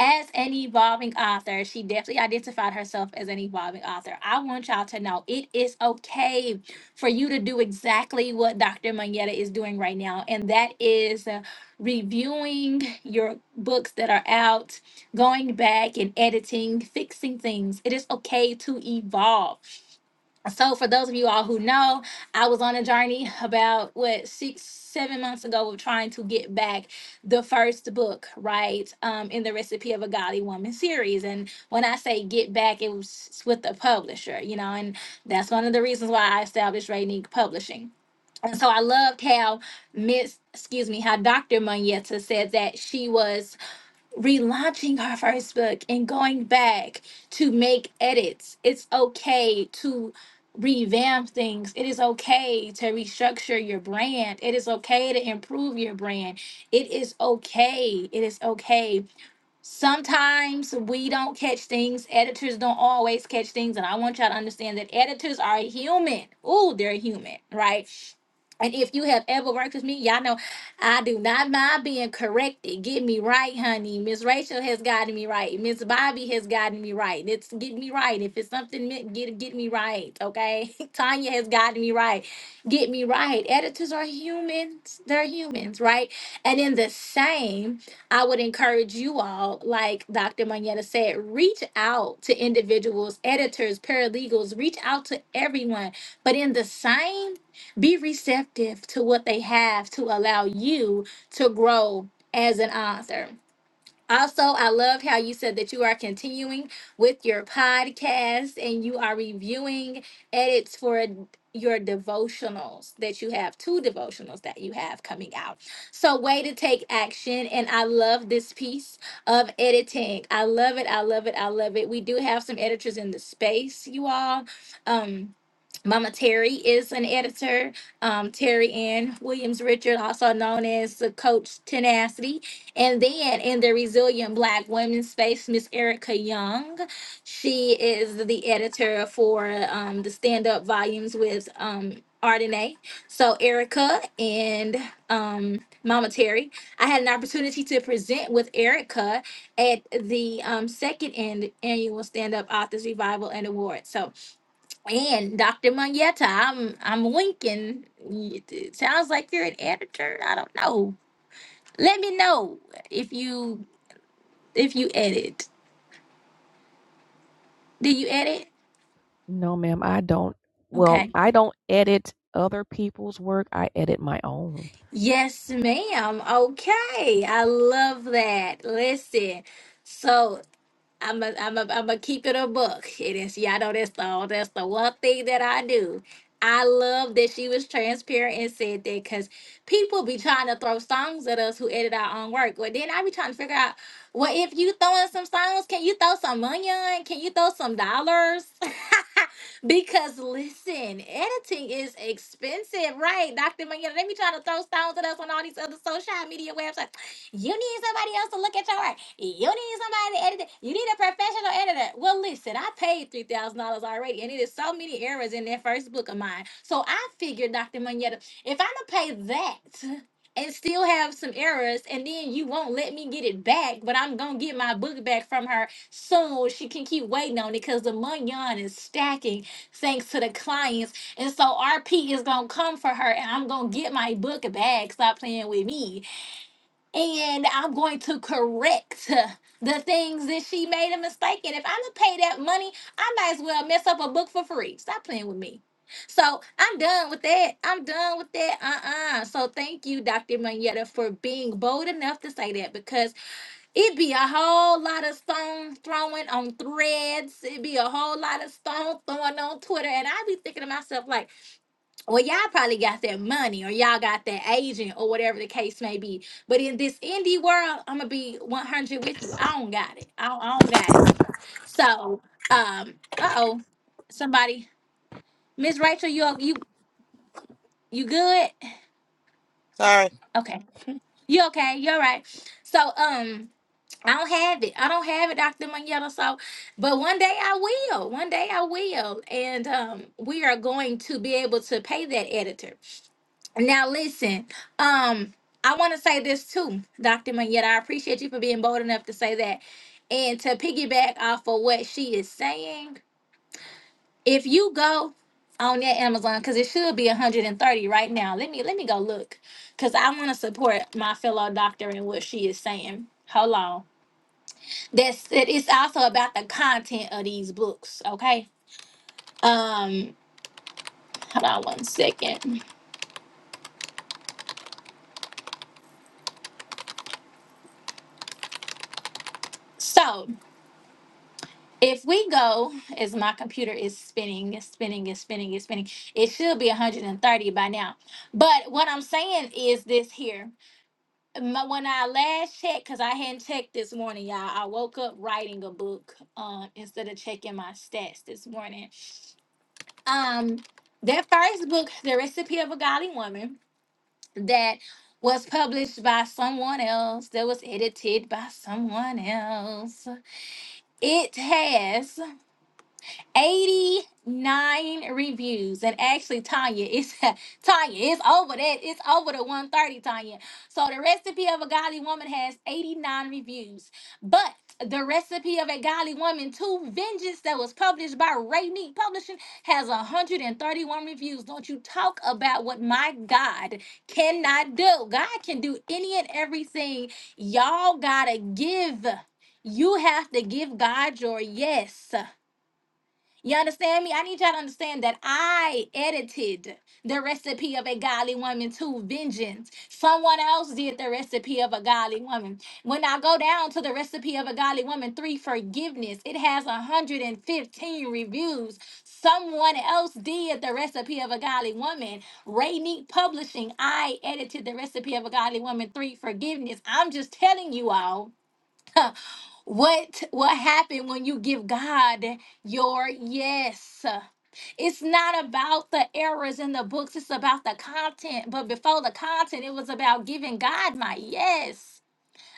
Speaker 1: As an evolving author, she definitely identified herself as an evolving author. I want y'all to know it is okay for you to do exactly what Dr. Manetta is doing right now, and that is uh, reviewing your books that are out, going back and editing, fixing things. It is okay to evolve. So, for those of you all who know, I was on a journey about what six, seven months ago of trying to get back the first book, right? Um, in the Recipe of a Godly Woman series. And when I say get back, it was with the publisher, you know, and that's one of the reasons why I established Rainique Publishing. And so I loved how Miss, excuse me, how Dr. Munyeta said that she was relaunching our first book and going back to make edits. It's okay to revamp things. It is okay to restructure your brand. It is okay to improve your brand. It is okay. It is okay Sometimes we don't catch things. Editors don't always catch things. And I want y'all to understand that editors are human. Ooh, they're human, right? And if you have ever worked with me, y'all know I do not mind being corrected. Get me right, honey. Miss Rachel has gotten me right. Miss Bobby has gotten me right. It's get me right. If it's something meant, get get me right. Okay. Tanya has gotten me right. Get me right. Editors are humans. They're humans, right? And in the same I would encourage you all, like Dr. Manetta said, reach out to individuals, editors, paralegals, reach out to everyone. But in the same, be receptive to what they have to allow you to grow as an author. Also, I loved how you said that you are continuing with your podcast and you are reviewing edits for your devotionals that you have, two devotionals that you have coming out. So, way to take action. And I love this piece of editing. I love it. I love it. I love it. We do have some editors in the space, you all. Um, Mama Terry is an editor. Um, Terry Ann Williams Richard, also known as the Coach Tenacity. And then in the Resilient Black women's space, Miss Erica Young, she is the editor for um, the stand up volumes with um, Ardenae. So, Erica and um, Mama Terry, I had an opportunity to present with Erica at the um, second an- annual stand up authors revival and award. So, and Dr. Munyeta, I'm, I'm winking. It sounds like you're an editor. I don't know. Let me know if you if you edit. Did you edit?
Speaker 9: No, ma'am, I don't. Well,
Speaker 1: Okay.
Speaker 9: I don't edit other people's work. I edit my own.
Speaker 1: Yes, ma'am. Okay. I love that. Listen. So I'm a, I'm a, I'm a keep it a book. It is, yeah, I know that's the that's the one thing that I do. I love that she was transparent and said that because people be trying to throw songs at us who edit our own work. Well, then I be trying to figure out, well, if you throwing some songs, can you throw some money on? Can you throw some dollars? because listen, editing is expensive, right, Dr. Money? They be trying to throw stones at us on all these other social media websites. You need somebody else to look at your work. You need somebody to edit it. You need a professional editor. Well, listen, I paid three thousand dollars already, and it is so many errors in that first book of mine. So I figured, Dr. Moneta, if I'm gonna pay that and still have some errors, and then you won't let me get it back, but I'm gonna get my book back from her soon. She can keep waiting on it because the Munyon is stacking thanks to the clients. And so RP is gonna come for her, and I'm gonna get my book back. Stop playing with me and I'm going to correct the things that she made a mistake in. If I'm gonna pay that money, I might as well mess up a book for free. Stop playing with me. So I'm done with that. I'm done with that. Uh-uh. So thank you, Dr. Manetta, for being bold enough to say that because it be a whole lot of stone throwing on threads. It be a whole lot of stone throwing on Twitter. And I be thinking to myself, like, well, y'all probably got that money or y'all got that agent or whatever the case may be. But in this indie world, I'm gonna be 100 with you. I don't got it. I don't, I don't got it. So, um, uh oh, somebody, Miss Rachel, you o- you you good?
Speaker 6: Sorry.
Speaker 1: Okay, you okay? You all right? So, um, I don't have it. I don't have it, Doctor Manetta. So, but one day I will. One day I will, and um, we are going to be able to pay that editor Now listen, um, I want to say this too, Dr. Manetta. I appreciate you for being bold enough to say that. And to piggyback off of what she is saying, if you go on that Amazon, because it should be 130 right now. Let me let me go look. Cause I want to support my fellow doctor and what she is saying. Hold on. That's it, it's also about the content of these books, okay? Um, hold on one second. So if we go as my computer is spinning is spinning is spinning is spinning it should be 130 by now but what i'm saying is this here My- when i last checked because i hadn't checked this morning y'all i woke up writing a book uh, instead of checking my stats this morning um that first book the recipe of a godly woman that was published by someone else that was edited by someone else it has 89 reviews. And actually, Tanya, it's Tanya, it's over that. It's over the 130, Tanya. So the recipe of a godly woman has 89 reviews. But the recipe of a godly woman, Two Vengeance, that was published by Ray Publishing, has 131 reviews. Don't you talk about what my God cannot do. God can do any and everything. Y'all gotta give. You have to give God your yes. You understand me? I need y'all to understand that I edited the recipe of a godly woman to vengeance. Someone else did the recipe of a godly woman. When I go down to the recipe of a godly woman, three forgiveness, it has 115 reviews. Someone else did the recipe of a godly woman. Rainique Publishing, I edited the recipe of a godly woman, three forgiveness. I'm just telling you all. What what happened when you give God your yes? It's not about the errors in the books, it's about the content. But before the content, it was about giving God my yes.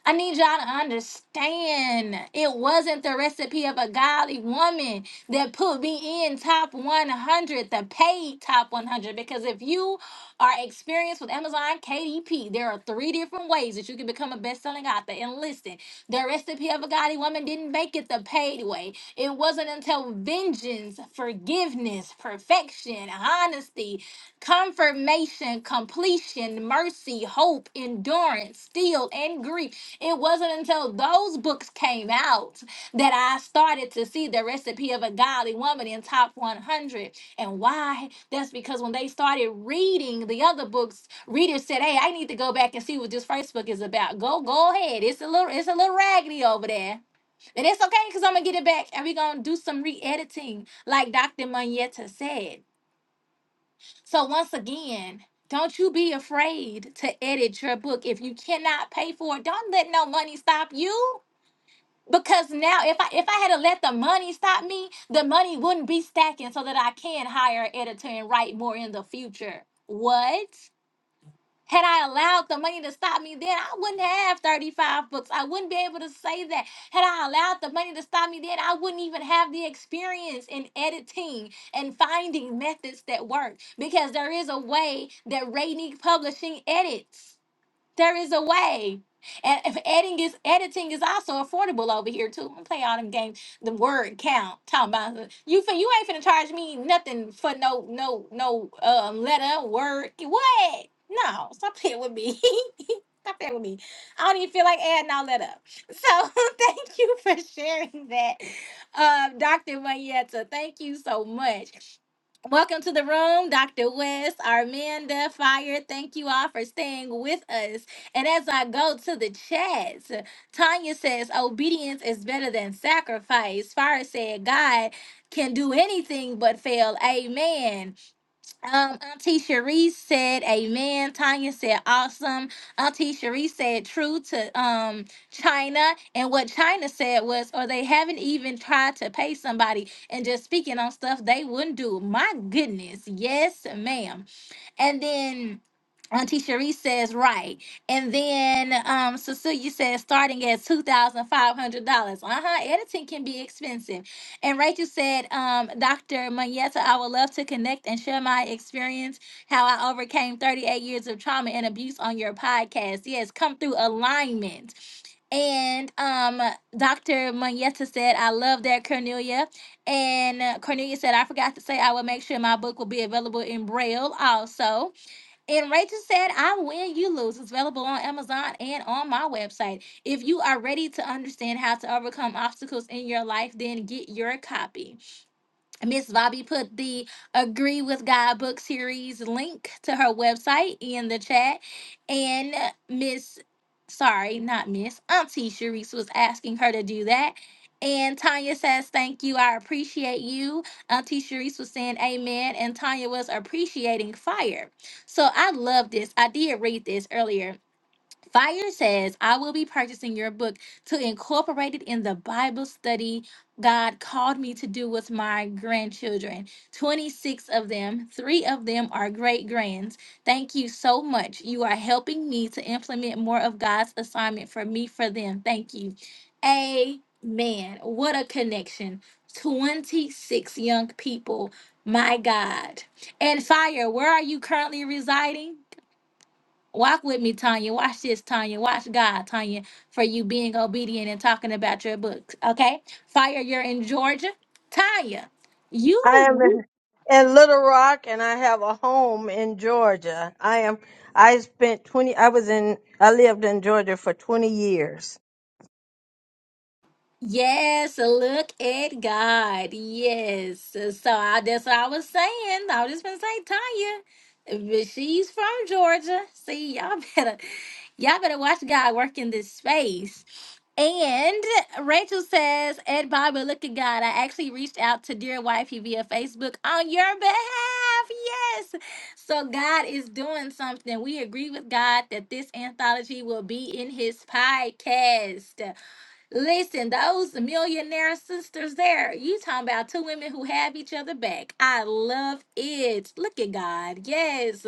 Speaker 1: I need y'all to understand it wasn't the recipe of a godly woman that put me in top 100, the paid top 100. Because if you are experienced with Amazon KDP, there are three different ways that you can become a best selling author. And listen, the recipe of a godly woman didn't make it the paid way. It wasn't until vengeance, forgiveness, perfection, honesty, confirmation, completion, mercy, hope, endurance, steel, and grief. It wasn't until those books came out that I started to see the recipe of a godly woman in top 100. And why? That's because when they started reading the other books, readers said, "Hey, I need to go back and see what this first book is about. Go, go ahead. It's a little, it's a little raggedy over there, and it's okay because I'm gonna get it back, and we're gonna do some re-editing, like Dr. Monietta said." So once again, don't you be afraid to edit your book. If you cannot pay for it, don't let no money stop you. Because now if I if I had to let the money stop me, the money wouldn't be stacking so that I can hire an editor and write more in the future. What? Had I allowed the money to stop me then, I wouldn't have 35 books. I wouldn't be able to say that. Had I allowed the money to stop me then, I wouldn't even have the experience in editing and finding methods that work because there is a way that Rainy Publishing edits. There is a way. And if editing is editing is also affordable over here too. I'm gonna play all them games, the word count. Talking about the- you fin you ain't finna charge me nothing for no no no um letter word. What? No, stop playing with me. Stop that with me. I don't even feel like adding all that up. So thank you for sharing that, uh, Dr. Mayetta. Thank you so much. Welcome to the room, Dr. West, Armanda, Fire. Thank you all for staying with us. And as I go to the chats, Tanya says, Obedience is better than sacrifice. Fire said, God can do anything but fail. Amen. Um, Auntie Cherise said, "Amen." Tanya said, "Awesome." Auntie Cherise said, "True to um China." And what China said was, "Or they haven't even tried to pay somebody and just speaking on stuff they wouldn't do." My goodness, yes, ma'am. And then Auntie Cherie says, right. And then um, Cecilia says, starting at $2,500. Uh huh. Editing can be expensive. And Rachel said, um, Dr. Monietta, I would love to connect and share my experience, how I overcame 38 years of trauma and abuse on your podcast. Yes, come through alignment. And um, Dr. Monietta said, I love that, Cornelia. And uh, Cornelia said, I forgot to say I will make sure my book will be available in Braille also. And Rachel said, I win, you lose. It's available on Amazon and on my website. If you are ready to understand how to overcome obstacles in your life, then get your copy. Miss Bobby put the Agree with God book series link to her website in the chat. And Miss, sorry, not Miss, Auntie Sharice was asking her to do that. And Tanya says, Thank you. I appreciate you. Auntie Sharice was saying, Amen. And Tanya was appreciating fire. So I love this. I did read this earlier Fire says, I will be purchasing your book to incorporate it in the Bible study God called me to do with my grandchildren. 26 of them, three of them are great grands. Thank you so much. You are helping me to implement more of God's assignment for me for them. Thank you. Amen. What a connection. 26 young people. My God. And Fire, where are you currently residing? Walk with me, Tanya. Watch this, Tanya. Watch God, Tanya, for you being obedient and talking about your books. Okay? Fire, you're in Georgia. Tanya,
Speaker 5: I am
Speaker 1: you
Speaker 5: in, in Little Rock and I have a home in Georgia. I am I spent 20 I was in I lived in Georgia for 20 years.
Speaker 1: Yes, look at God. Yes. So I, that's what I was saying. I was just gonna say Tanya. But she's from Georgia. See, y'all better y'all better watch God work in this space. And Rachel says, Ed Bible, look at God. I actually reached out to Dear Wifey via Facebook on your behalf. Yes. So God is doing something. We agree with God that this anthology will be in his podcast. Listen, those millionaire sisters there, you talking about two women who have each other back. I love it. Look at God. Yes.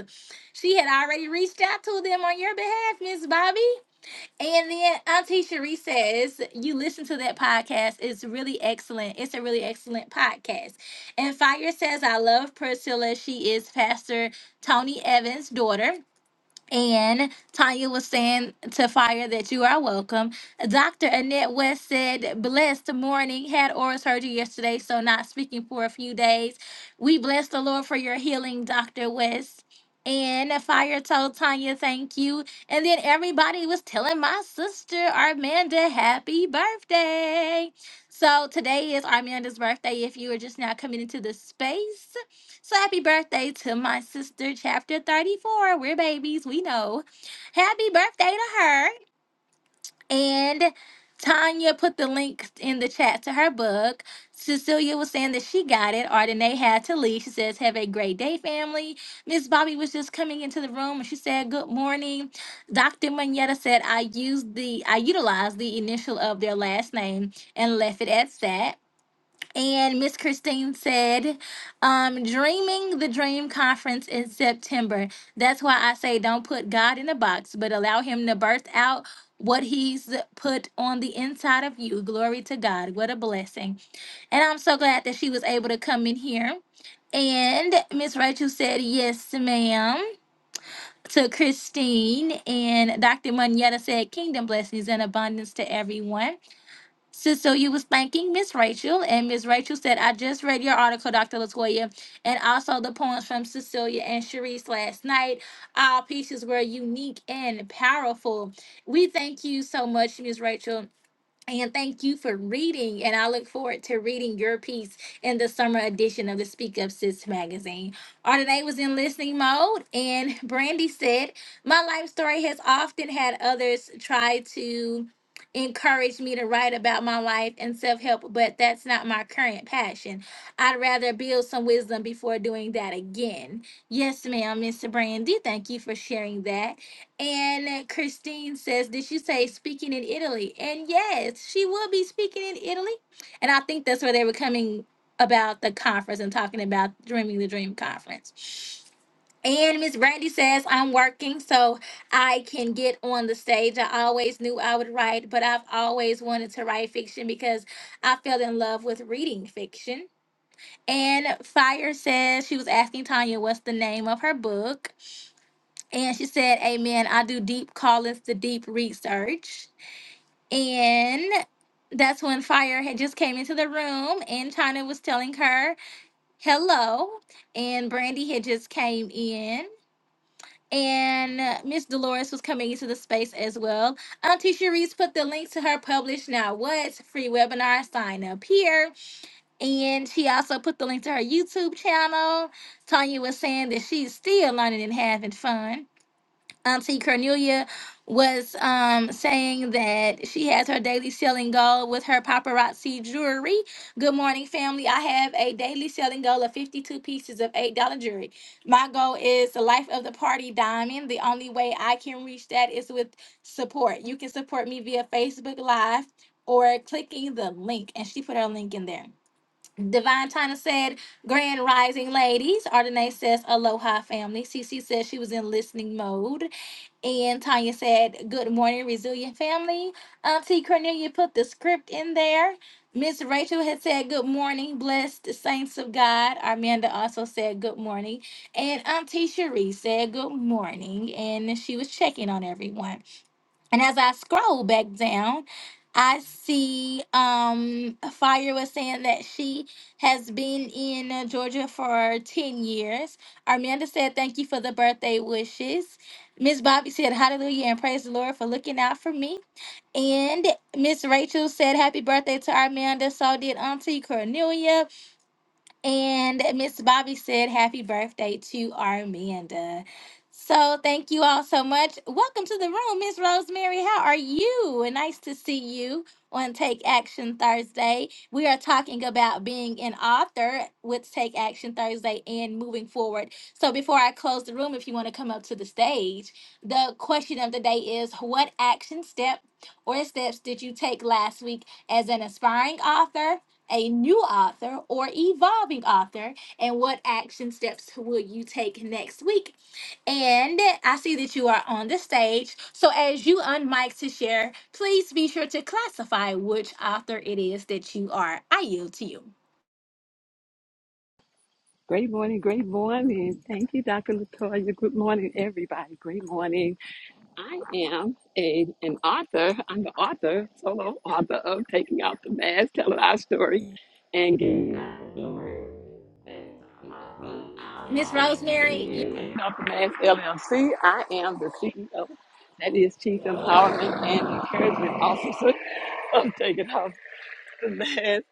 Speaker 1: She had already reached out to them on your behalf, Miss Bobby. And then Auntie Cherie says, you listen to that podcast. It's really excellent. It's a really excellent podcast. And Fire says, I love Priscilla. She is Pastor Tony Evans' daughter. And Tanya was saying to Fire that you are welcome. Dr. Annette West said, Blessed morning, had oral surgery yesterday, so not speaking for a few days. We bless the Lord for your healing, Dr. West. And Fire told Tanya, Thank you. And then everybody was telling my sister, Armanda, happy birthday. So today is Armanda's birthday if you are just now coming into the space. So happy birthday to my sister, chapter 34. We're babies, we know. Happy birthday to her. And Tanya put the link in the chat to her book. Cecilia was saying that she got it. Ardenae had to leave. She says, Have a great day, family. Miss Bobby was just coming into the room and she said, Good morning. Dr. Manetta said, I used the I utilized the initial of their last name and left it at that. And Miss Christine said, um, Dreaming the Dream Conference in September. That's why I say don't put God in a box, but allow Him to burst out what He's put on the inside of you. Glory to God. What a blessing. And I'm so glad that she was able to come in here. And Miss Rachel said, Yes, ma'am. To Christine and Dr. Moneta said, Kingdom blessings and abundance to everyone. So, so you was thanking Miss Rachel, and Miss Rachel said, "I just read your article, Dr. Latoya, and also the poems from Cecilia and Sharice last night. All pieces were unique and powerful. We thank you so much, Miss Rachel." And thank you for reading, and I look forward to reading your piece in the summer edition of the Speak Up Sis magazine. Ardenae was in listening mode, and Brandy said, My life story has often had others try to encourage me to write about my life and self help, but that's not my current passion. I'd rather build some wisdom before doing that again. Yes, ma'am, Mr. Brandy, thank you for sharing that. And Christine says, Did she say speaking in Italy? And yes, she will be speaking in Italy. And I think that's where they were coming about the conference and talking about Dreaming the Dream conference. And Miss Brandy says, I'm working so I can get on the stage. I always knew I would write, but I've always wanted to write fiction because I fell in love with reading fiction. And Fire says she was asking Tanya what's the name of her book. And she said, Amen. I do deep callings to deep research. And that's when Fire had just came into the room and China was telling her hello. And Brandy had just came in. And uh, Miss Dolores was coming into the space as well. Auntie Sharice put the link to her published Now What's free webinar sign up here. And she also put the link to her YouTube channel. Tanya was saying that she's still learning and having fun um, see, Cornelia was um, saying that she has her daily selling goal with her paparazzi jewelry. Good morning, family. I have a daily selling goal of 52 pieces of $8 jewelry. My goal is the life of the party diamond. The only way I can reach that is with support. You can support me via Facebook Live or clicking the link. And she put her link in there. Divine Tina said, Grand Rising Ladies. Ardenae says, Aloha, family. CC says she was in listening mode. And Tanya said, Good morning, resilient family. Auntie Cornelia put the script in there. Miss Rachel had said, Good morning, blessed saints of God. Armanda also said, Good morning. And Auntie Cherie said, Good morning. And she was checking on everyone. And as I scroll back down, I see um Fire was saying that she has been in uh, Georgia for 10 years. Armanda said thank you for the birthday wishes. Miss Bobby said, Hallelujah and praise the Lord for looking out for me. And Miss Rachel said, Happy birthday to Armanda. So did Auntie Cornelia. And Miss Bobby said, Happy birthday to Armanda. So thank you all so much. Welcome to the room, Miss Rosemary. How are you? And nice to see you on Take Action Thursday. We are talking about being an author with Take Action Thursday and moving forward. So before I close the room, if you want to come up to the stage, the question of the day is what action step or steps did you take last week as an aspiring author? a new author or evolving author and what action steps will you take next week and i see that you are on the stage so as you unmic to share please be sure to classify which author it is that you are i yield to you
Speaker 10: Great morning, great morning. Thank you, Dr. Latoya. Good morning, everybody. Great morning. I am a an author. I'm the author, solo author of Taking Off the Mask, Telling Our Story, and Getting Off
Speaker 1: miss rosemary you-
Speaker 10: the Mask LLC. I am the CEO, that is Chief Empowerment and Encouragement Officer of Taking Off. Last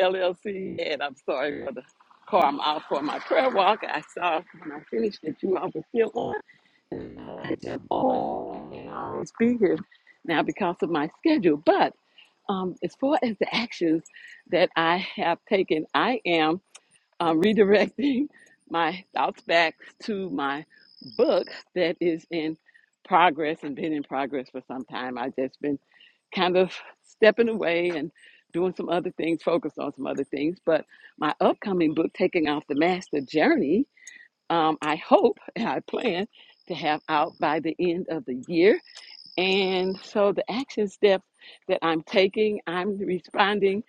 Speaker 10: LLC, and I'm sorry for the car. I'm out for my prayer walk. I saw when I finished that you all were still on. And I said, oh, I can always be here now because of my schedule. But um, as far as the actions that I have taken, I am um, redirecting my thoughts back to my book that is in progress and been in progress for some time. I've just been kind of stepping away and doing some other things, focused on some other things. But my upcoming book, Taking Off the Master Journey, um, I hope and I plan to have out by the end of the year. And so the action steps that I'm taking, I'm responding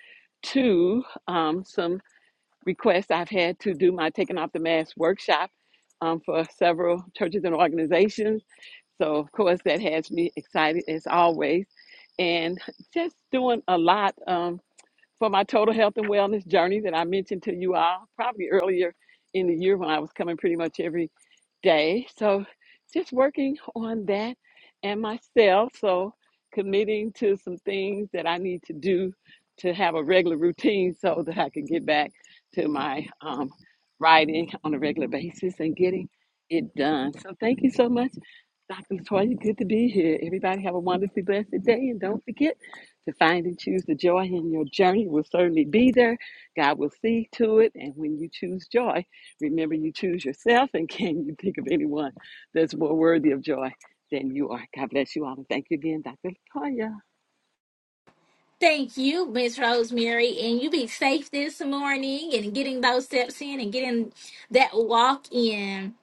Speaker 10: to um, some requests I've had to do my Taking Off the Mask workshop um, for several churches and organizations. So, of course, that has me excited as always. And just doing a lot. um, for my total health and wellness journey that I mentioned to you all probably earlier in the year when I was coming pretty much every day. So just working on that and myself. So committing to some things that I need to do to have a regular routine so that I can get back to my um, writing on a regular basis and getting it done. So thank you so much, Dr. Latoya. Good to be here. Everybody have a wonderfully blessed day and don't forget to find and choose the joy in your journey will certainly be there. God will see to it. And when you choose joy, remember you choose yourself. And can you think of anyone that's more worthy of joy than you are? God bless you all. And thank you again, Dr. Latoya.
Speaker 1: thank you miss rosemary and you be safe this morning and getting those steps in and getting that walk in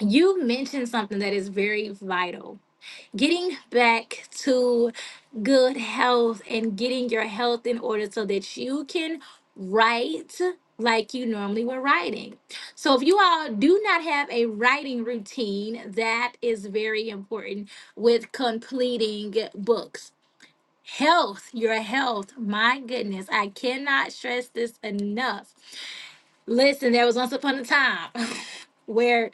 Speaker 1: you mentioned something that is very vital getting back to good health and getting your health in order so that you can write like you normally were writing. So, if you all do not have a writing routine, that is very important with completing books. Health, your health, my goodness, I cannot stress this enough. Listen, there was once upon a time where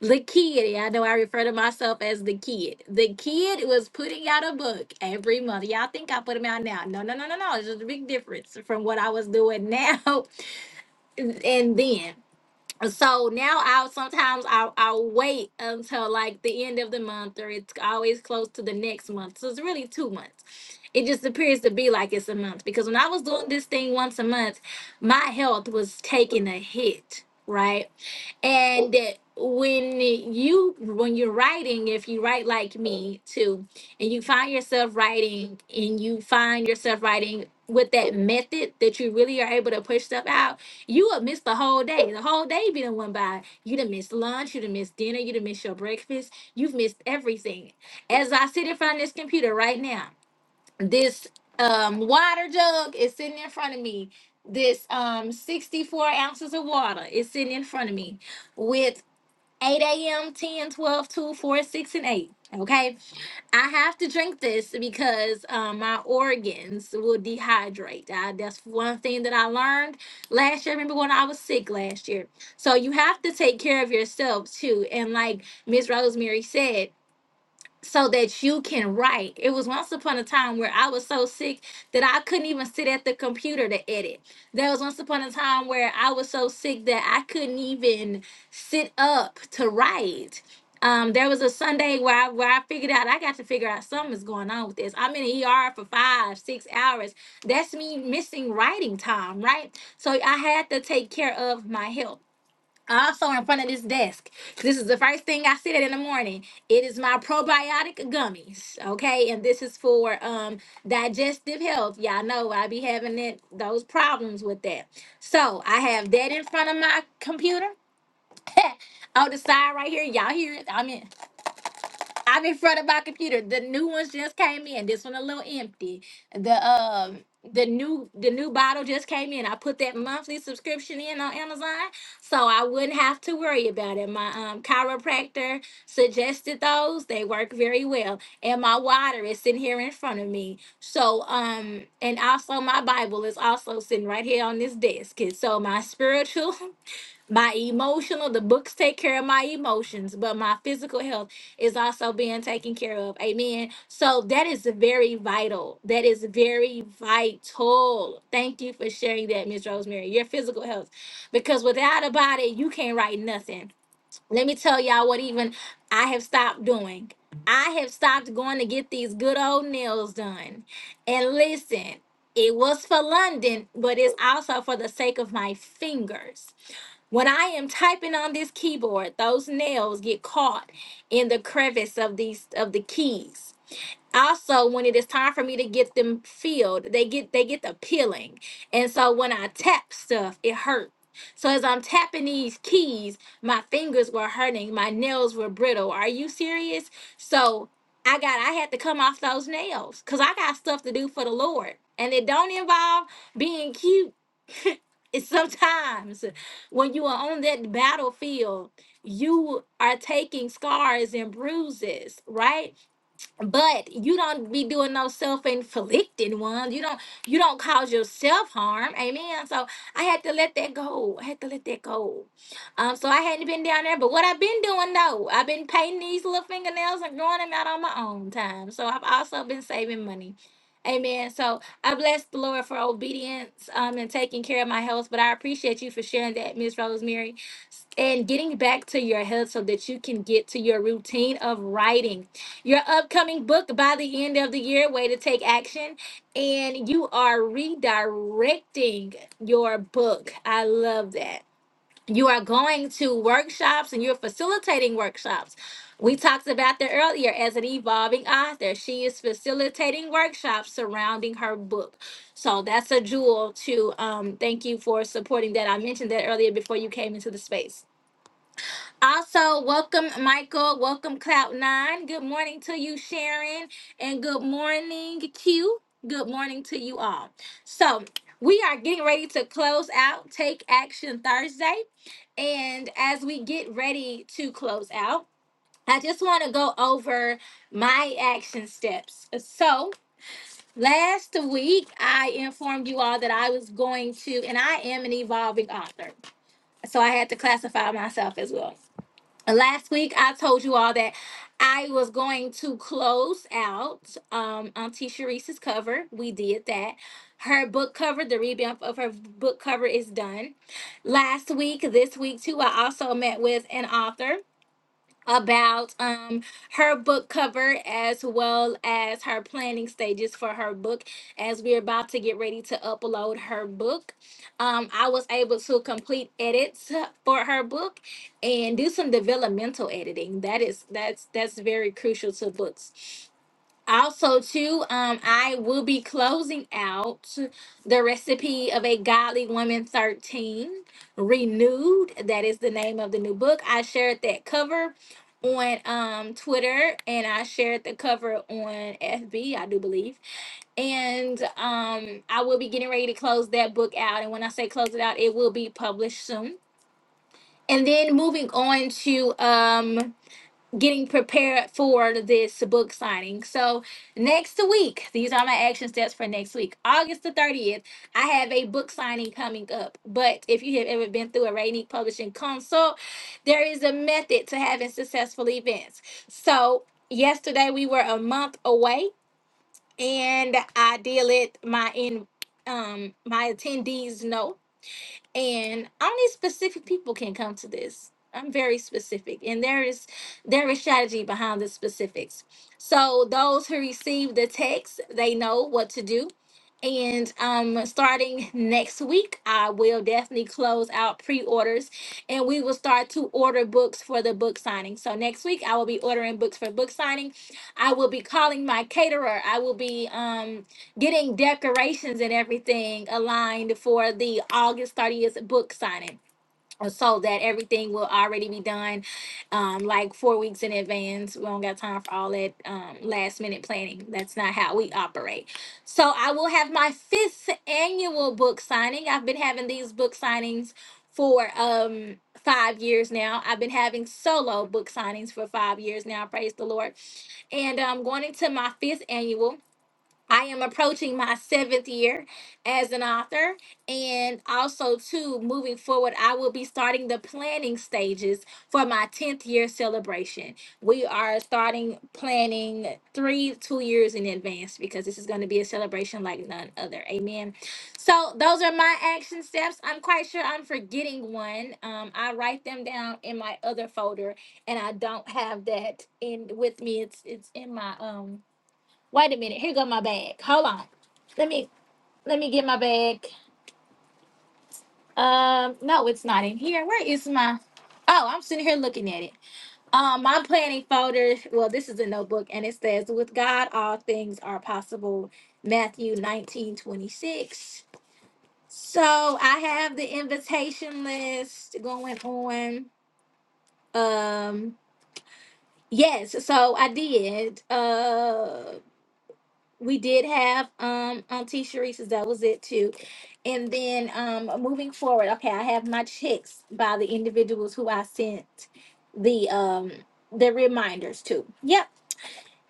Speaker 1: the kid, I know I refer to myself as the kid, the kid was putting out a book every month. Y'all think I put them out now? No, no, no, no, no. It's just a big difference from what I was doing now and then so now I'll sometimes I'll, I'll wait until like the end of the month or it's always close to the next month. So it's really two months. It just appears to be like it's a month because when I was doing this thing once a month, my health was taking a hit, right? And when you when you're writing, if you write like me too, and you find yourself writing and you find yourself writing with that method that you really are able to push stuff out you have missed the whole day. The whole day be done went by. You done missed lunch. You done missed dinner. You done missed your breakfast. You've missed everything. As I sit in front of this computer right now, this um, water jug is sitting in front of me. This um, 64 ounces of water is sitting in front of me with. 8 a.m., 10, 12, 2, 4, 6, and 8. Okay. I have to drink this because um, my organs will dehydrate. I, that's one thing that I learned last year. I Remember when I was sick last year? So you have to take care of yourself too. And like Miss Rosemary said, so that you can write. It was once upon a time where I was so sick that I couldn't even sit at the computer to edit. There was once upon a time where I was so sick that I couldn't even sit up to write. Um, there was a Sunday where I, where I figured out I got to figure out something's going on with this. I'm in the ER for five, six hours. That's me missing writing time, right? So I had to take care of my health also in front of this desk. This is the first thing I see that in the morning. It is my probiotic gummies, okay? And this is for um digestive health. Y'all know I be having that those problems with that. So I have that in front of my computer. on the side right here, y'all hear it. I'm in. I'm in front of my computer. The new ones just came in. This one a little empty. The um the new the new bottle just came in. I put that monthly subscription in on Amazon, so I wouldn't have to worry about it. My um chiropractor suggested those. They work very well, and my water is sitting here in front of me. So um and also my Bible is also sitting right here on this desk. And so my spiritual my emotional the books take care of my emotions but my physical health is also being taken care of amen so that is very vital that is very vital thank you for sharing that miss rosemary your physical health because without a body you can't write nothing let me tell y'all what even i have stopped doing i have stopped going to get these good old nails done and listen it was for london but it's also for the sake of my fingers when I am typing on this keyboard, those nails get caught in the crevice of these of the keys. Also, when it is time for me to get them filled, they get they get the peeling. And so when I tap stuff, it hurts. So as I'm tapping these keys, my fingers were hurting, my nails were brittle. Are you serious? So I got I had to come off those nails cuz I got stuff to do for the Lord. And it don't involve being cute It's sometimes when you are on that battlefield, you are taking scars and bruises, right? but you don't be doing no self-inflicted ones. You don't you don't cause yourself harm. Amen. So I had to let that go. I had to let that go. Um, so I hadn't been down there, but what I've been doing though, I've been painting these little fingernails and growing them out on my own time. So I've also been saving money. Amen. So I bless the Lord for obedience um, and taking care of my health. But I appreciate you for sharing that, Miss Rosemary, and getting back to your health so that you can get to your routine of writing your upcoming book by the end of the year, Way to Take Action. And you are redirecting your book. I love that. You are going to workshops and you're facilitating workshops. We talked about that earlier as an evolving author. She is facilitating workshops surrounding her book. So that's a jewel to um, thank you for supporting that. I mentioned that earlier before you came into the space. Also, welcome Michael, welcome Cloud9. Good morning to you, Sharon, and good morning, Q. Good morning to you all. So, we are getting ready to close out Take Action Thursday. And as we get ready to close out, I just want to go over my action steps. So, last week I informed you all that I was going to, and I am an evolving author. So, I had to classify myself as well last week I told you all that I was going to close out um Auntie Sharice's cover. We did that. Her book cover, the revamp of her book cover is done. Last week, this week too, I also met with an author about um her book cover as well as her planning stages for her book as we're about to get ready to upload her book um i was able to complete edits for her book and do some developmental editing that is that's that's very crucial to books also, too, um, I will be closing out the recipe of a godly woman 13 renewed. That is the name of the new book. I shared that cover on um Twitter and I shared the cover on FB, I do believe. And um I will be getting ready to close that book out. And when I say close it out, it will be published soon. And then moving on to um getting prepared for this book signing. So next week, these are my action steps for next week. August the 30th, I have a book signing coming up. But if you have ever been through a Rainy Publishing consult, there is a method to having successful events. So yesterday we were a month away and I did let my in um my attendees know and only specific people can come to this i'm very specific and there is there is strategy behind the specifics so those who receive the text they know what to do and um starting next week i will definitely close out pre-orders and we will start to order books for the book signing so next week i will be ordering books for book signing i will be calling my caterer i will be um getting decorations and everything aligned for the August 30th book signing. uh, So that everything will already be done um, like four weeks in advance. We don't got time for all that um, last minute planning. That's not how we operate. So I will have my fifth annual book signing. I've been having these book signings for um, five years now. I've been having solo book signings for five years now. Praise the Lord. And I'm um, going into my fifth annual. I am approaching my seventh year as an author. And also, too, moving forward, I will be starting the planning stages for my 10th year celebration. We are starting planning three, two years in advance because this is going to be a celebration like none other. Amen. So, those are my action steps. I'm quite sure I'm forgetting one. Um, I write them down in my other folder, and I don't have that in with me. It's it's in my um Wait a minute. Here go my bag. Hold on. Let me let me get my bag. Um, no, it's not in here. Where is my? Oh, I'm sitting here looking at it. Um, my planning folder. Well, this is a notebook, and it says, "With God, all things are possible." Matthew nineteen twenty six. So I have the invitation list going on. Um, yes. So I did. Uh. we did have um Auntie Sharice's. That was it too. And then um moving forward, okay, I have my checks by the individuals who I sent the um the reminders to. Yep.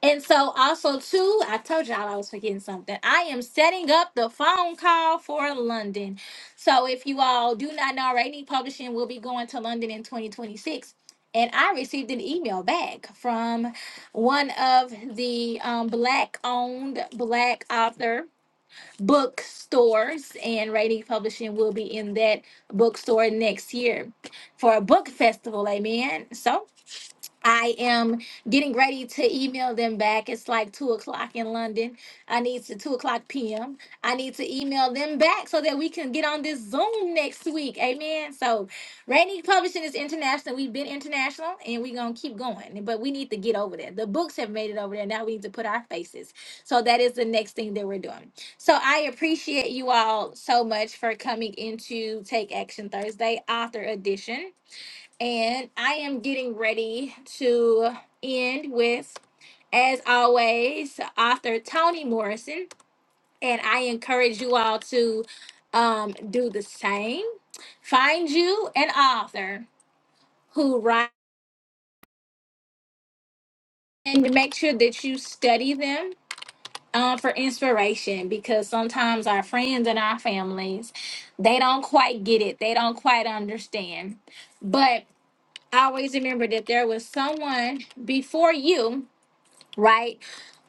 Speaker 1: And so also too, I told y'all I was forgetting something. I am setting up the phone call for London. So if you all do not know already, publishing will be going to London in 2026. And I received an email back from one of the um, black owned black author bookstores and Rating Publishing will be in that bookstore next year for a book festival, amen. So I am getting ready to email them back. It's like two o'clock in London. I need to two o'clock p.m. I need to email them back so that we can get on this Zoom next week. Amen. So, Rainy Publishing is international. We've been international, and we're gonna keep going. But we need to get over there. The books have made it over there. Now we need to put our faces. So that is the next thing that we're doing. So I appreciate you all so much for coming into Take Action Thursday Author Edition. And I am getting ready to end with, as always, author Toni Morrison. And I encourage you all to um, do the same. Find you an author who writes and make sure that you study them um, for inspiration because sometimes our friends and our families, they don't quite get it, they don't quite understand. But always remember that there was someone before you right?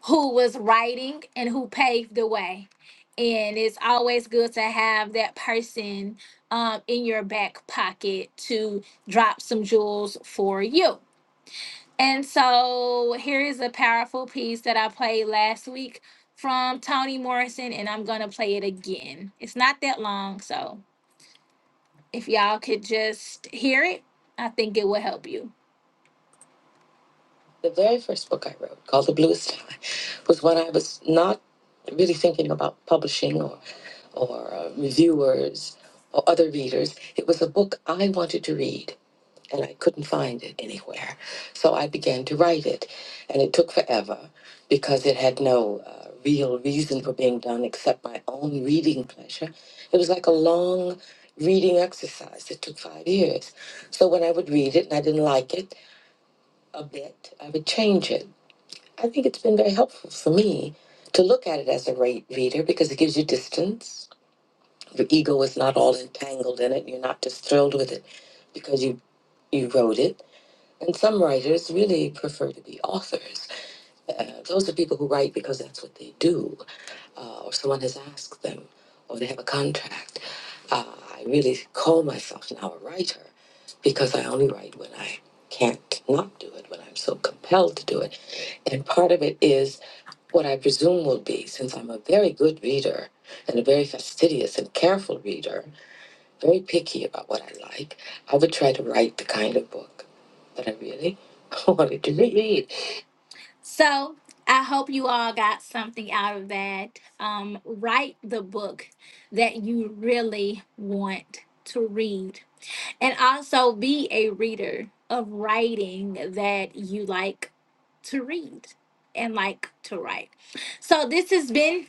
Speaker 1: Who was writing and who paved the way. And it's always good to have that person um, in your back pocket to drop some jewels for you. And so here is a powerful piece that I played last week from Toni Morrison, and I'm going to play it again. It's not that long, so if y'all could just hear it, I think it will help you. The very first book I wrote, called The Bluest Sky, was when I was not really thinking about publishing or, or uh, reviewers or other readers. It was a book I wanted to read, and I couldn't find it anywhere. So I began to write it, and it took forever because it had no uh, real reason for being done except my own reading pleasure. It was like a long reading exercise that took five years. So when I would read it and I didn't like it a bit, I would change it. I think it's been very helpful for me to look at it as a rate reader because it gives you distance. Your ego is not all entangled in it. You're not just thrilled with it because you, you wrote it. And some writers really prefer to be authors. Uh, those are people who write because that's what they do, uh, or someone has asked them, or they have a contract. Uh, I really call myself now a writer because I only write when I can't not do it, when I'm so compelled to do it. And part of it is what I presume will be, since I'm a very good reader and a very fastidious and careful reader, very picky about what I like, I would try to write the kind of book that I really wanted to read. So I hope you all got something out of that. Um, write the book that you really want to read, and also be a reader of writing that you like to read and like to write. So this has been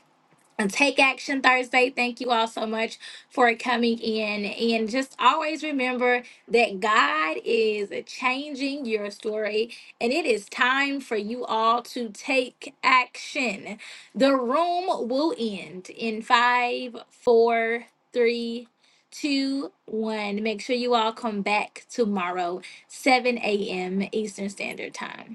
Speaker 1: and Take Action Thursday. Thank you all so much for coming in. And just always remember that God is changing your story, and it is time for you all to take action. The room will end in five, four, three, two, one. Make sure you all come back tomorrow, 7 a.m. Eastern Standard Time.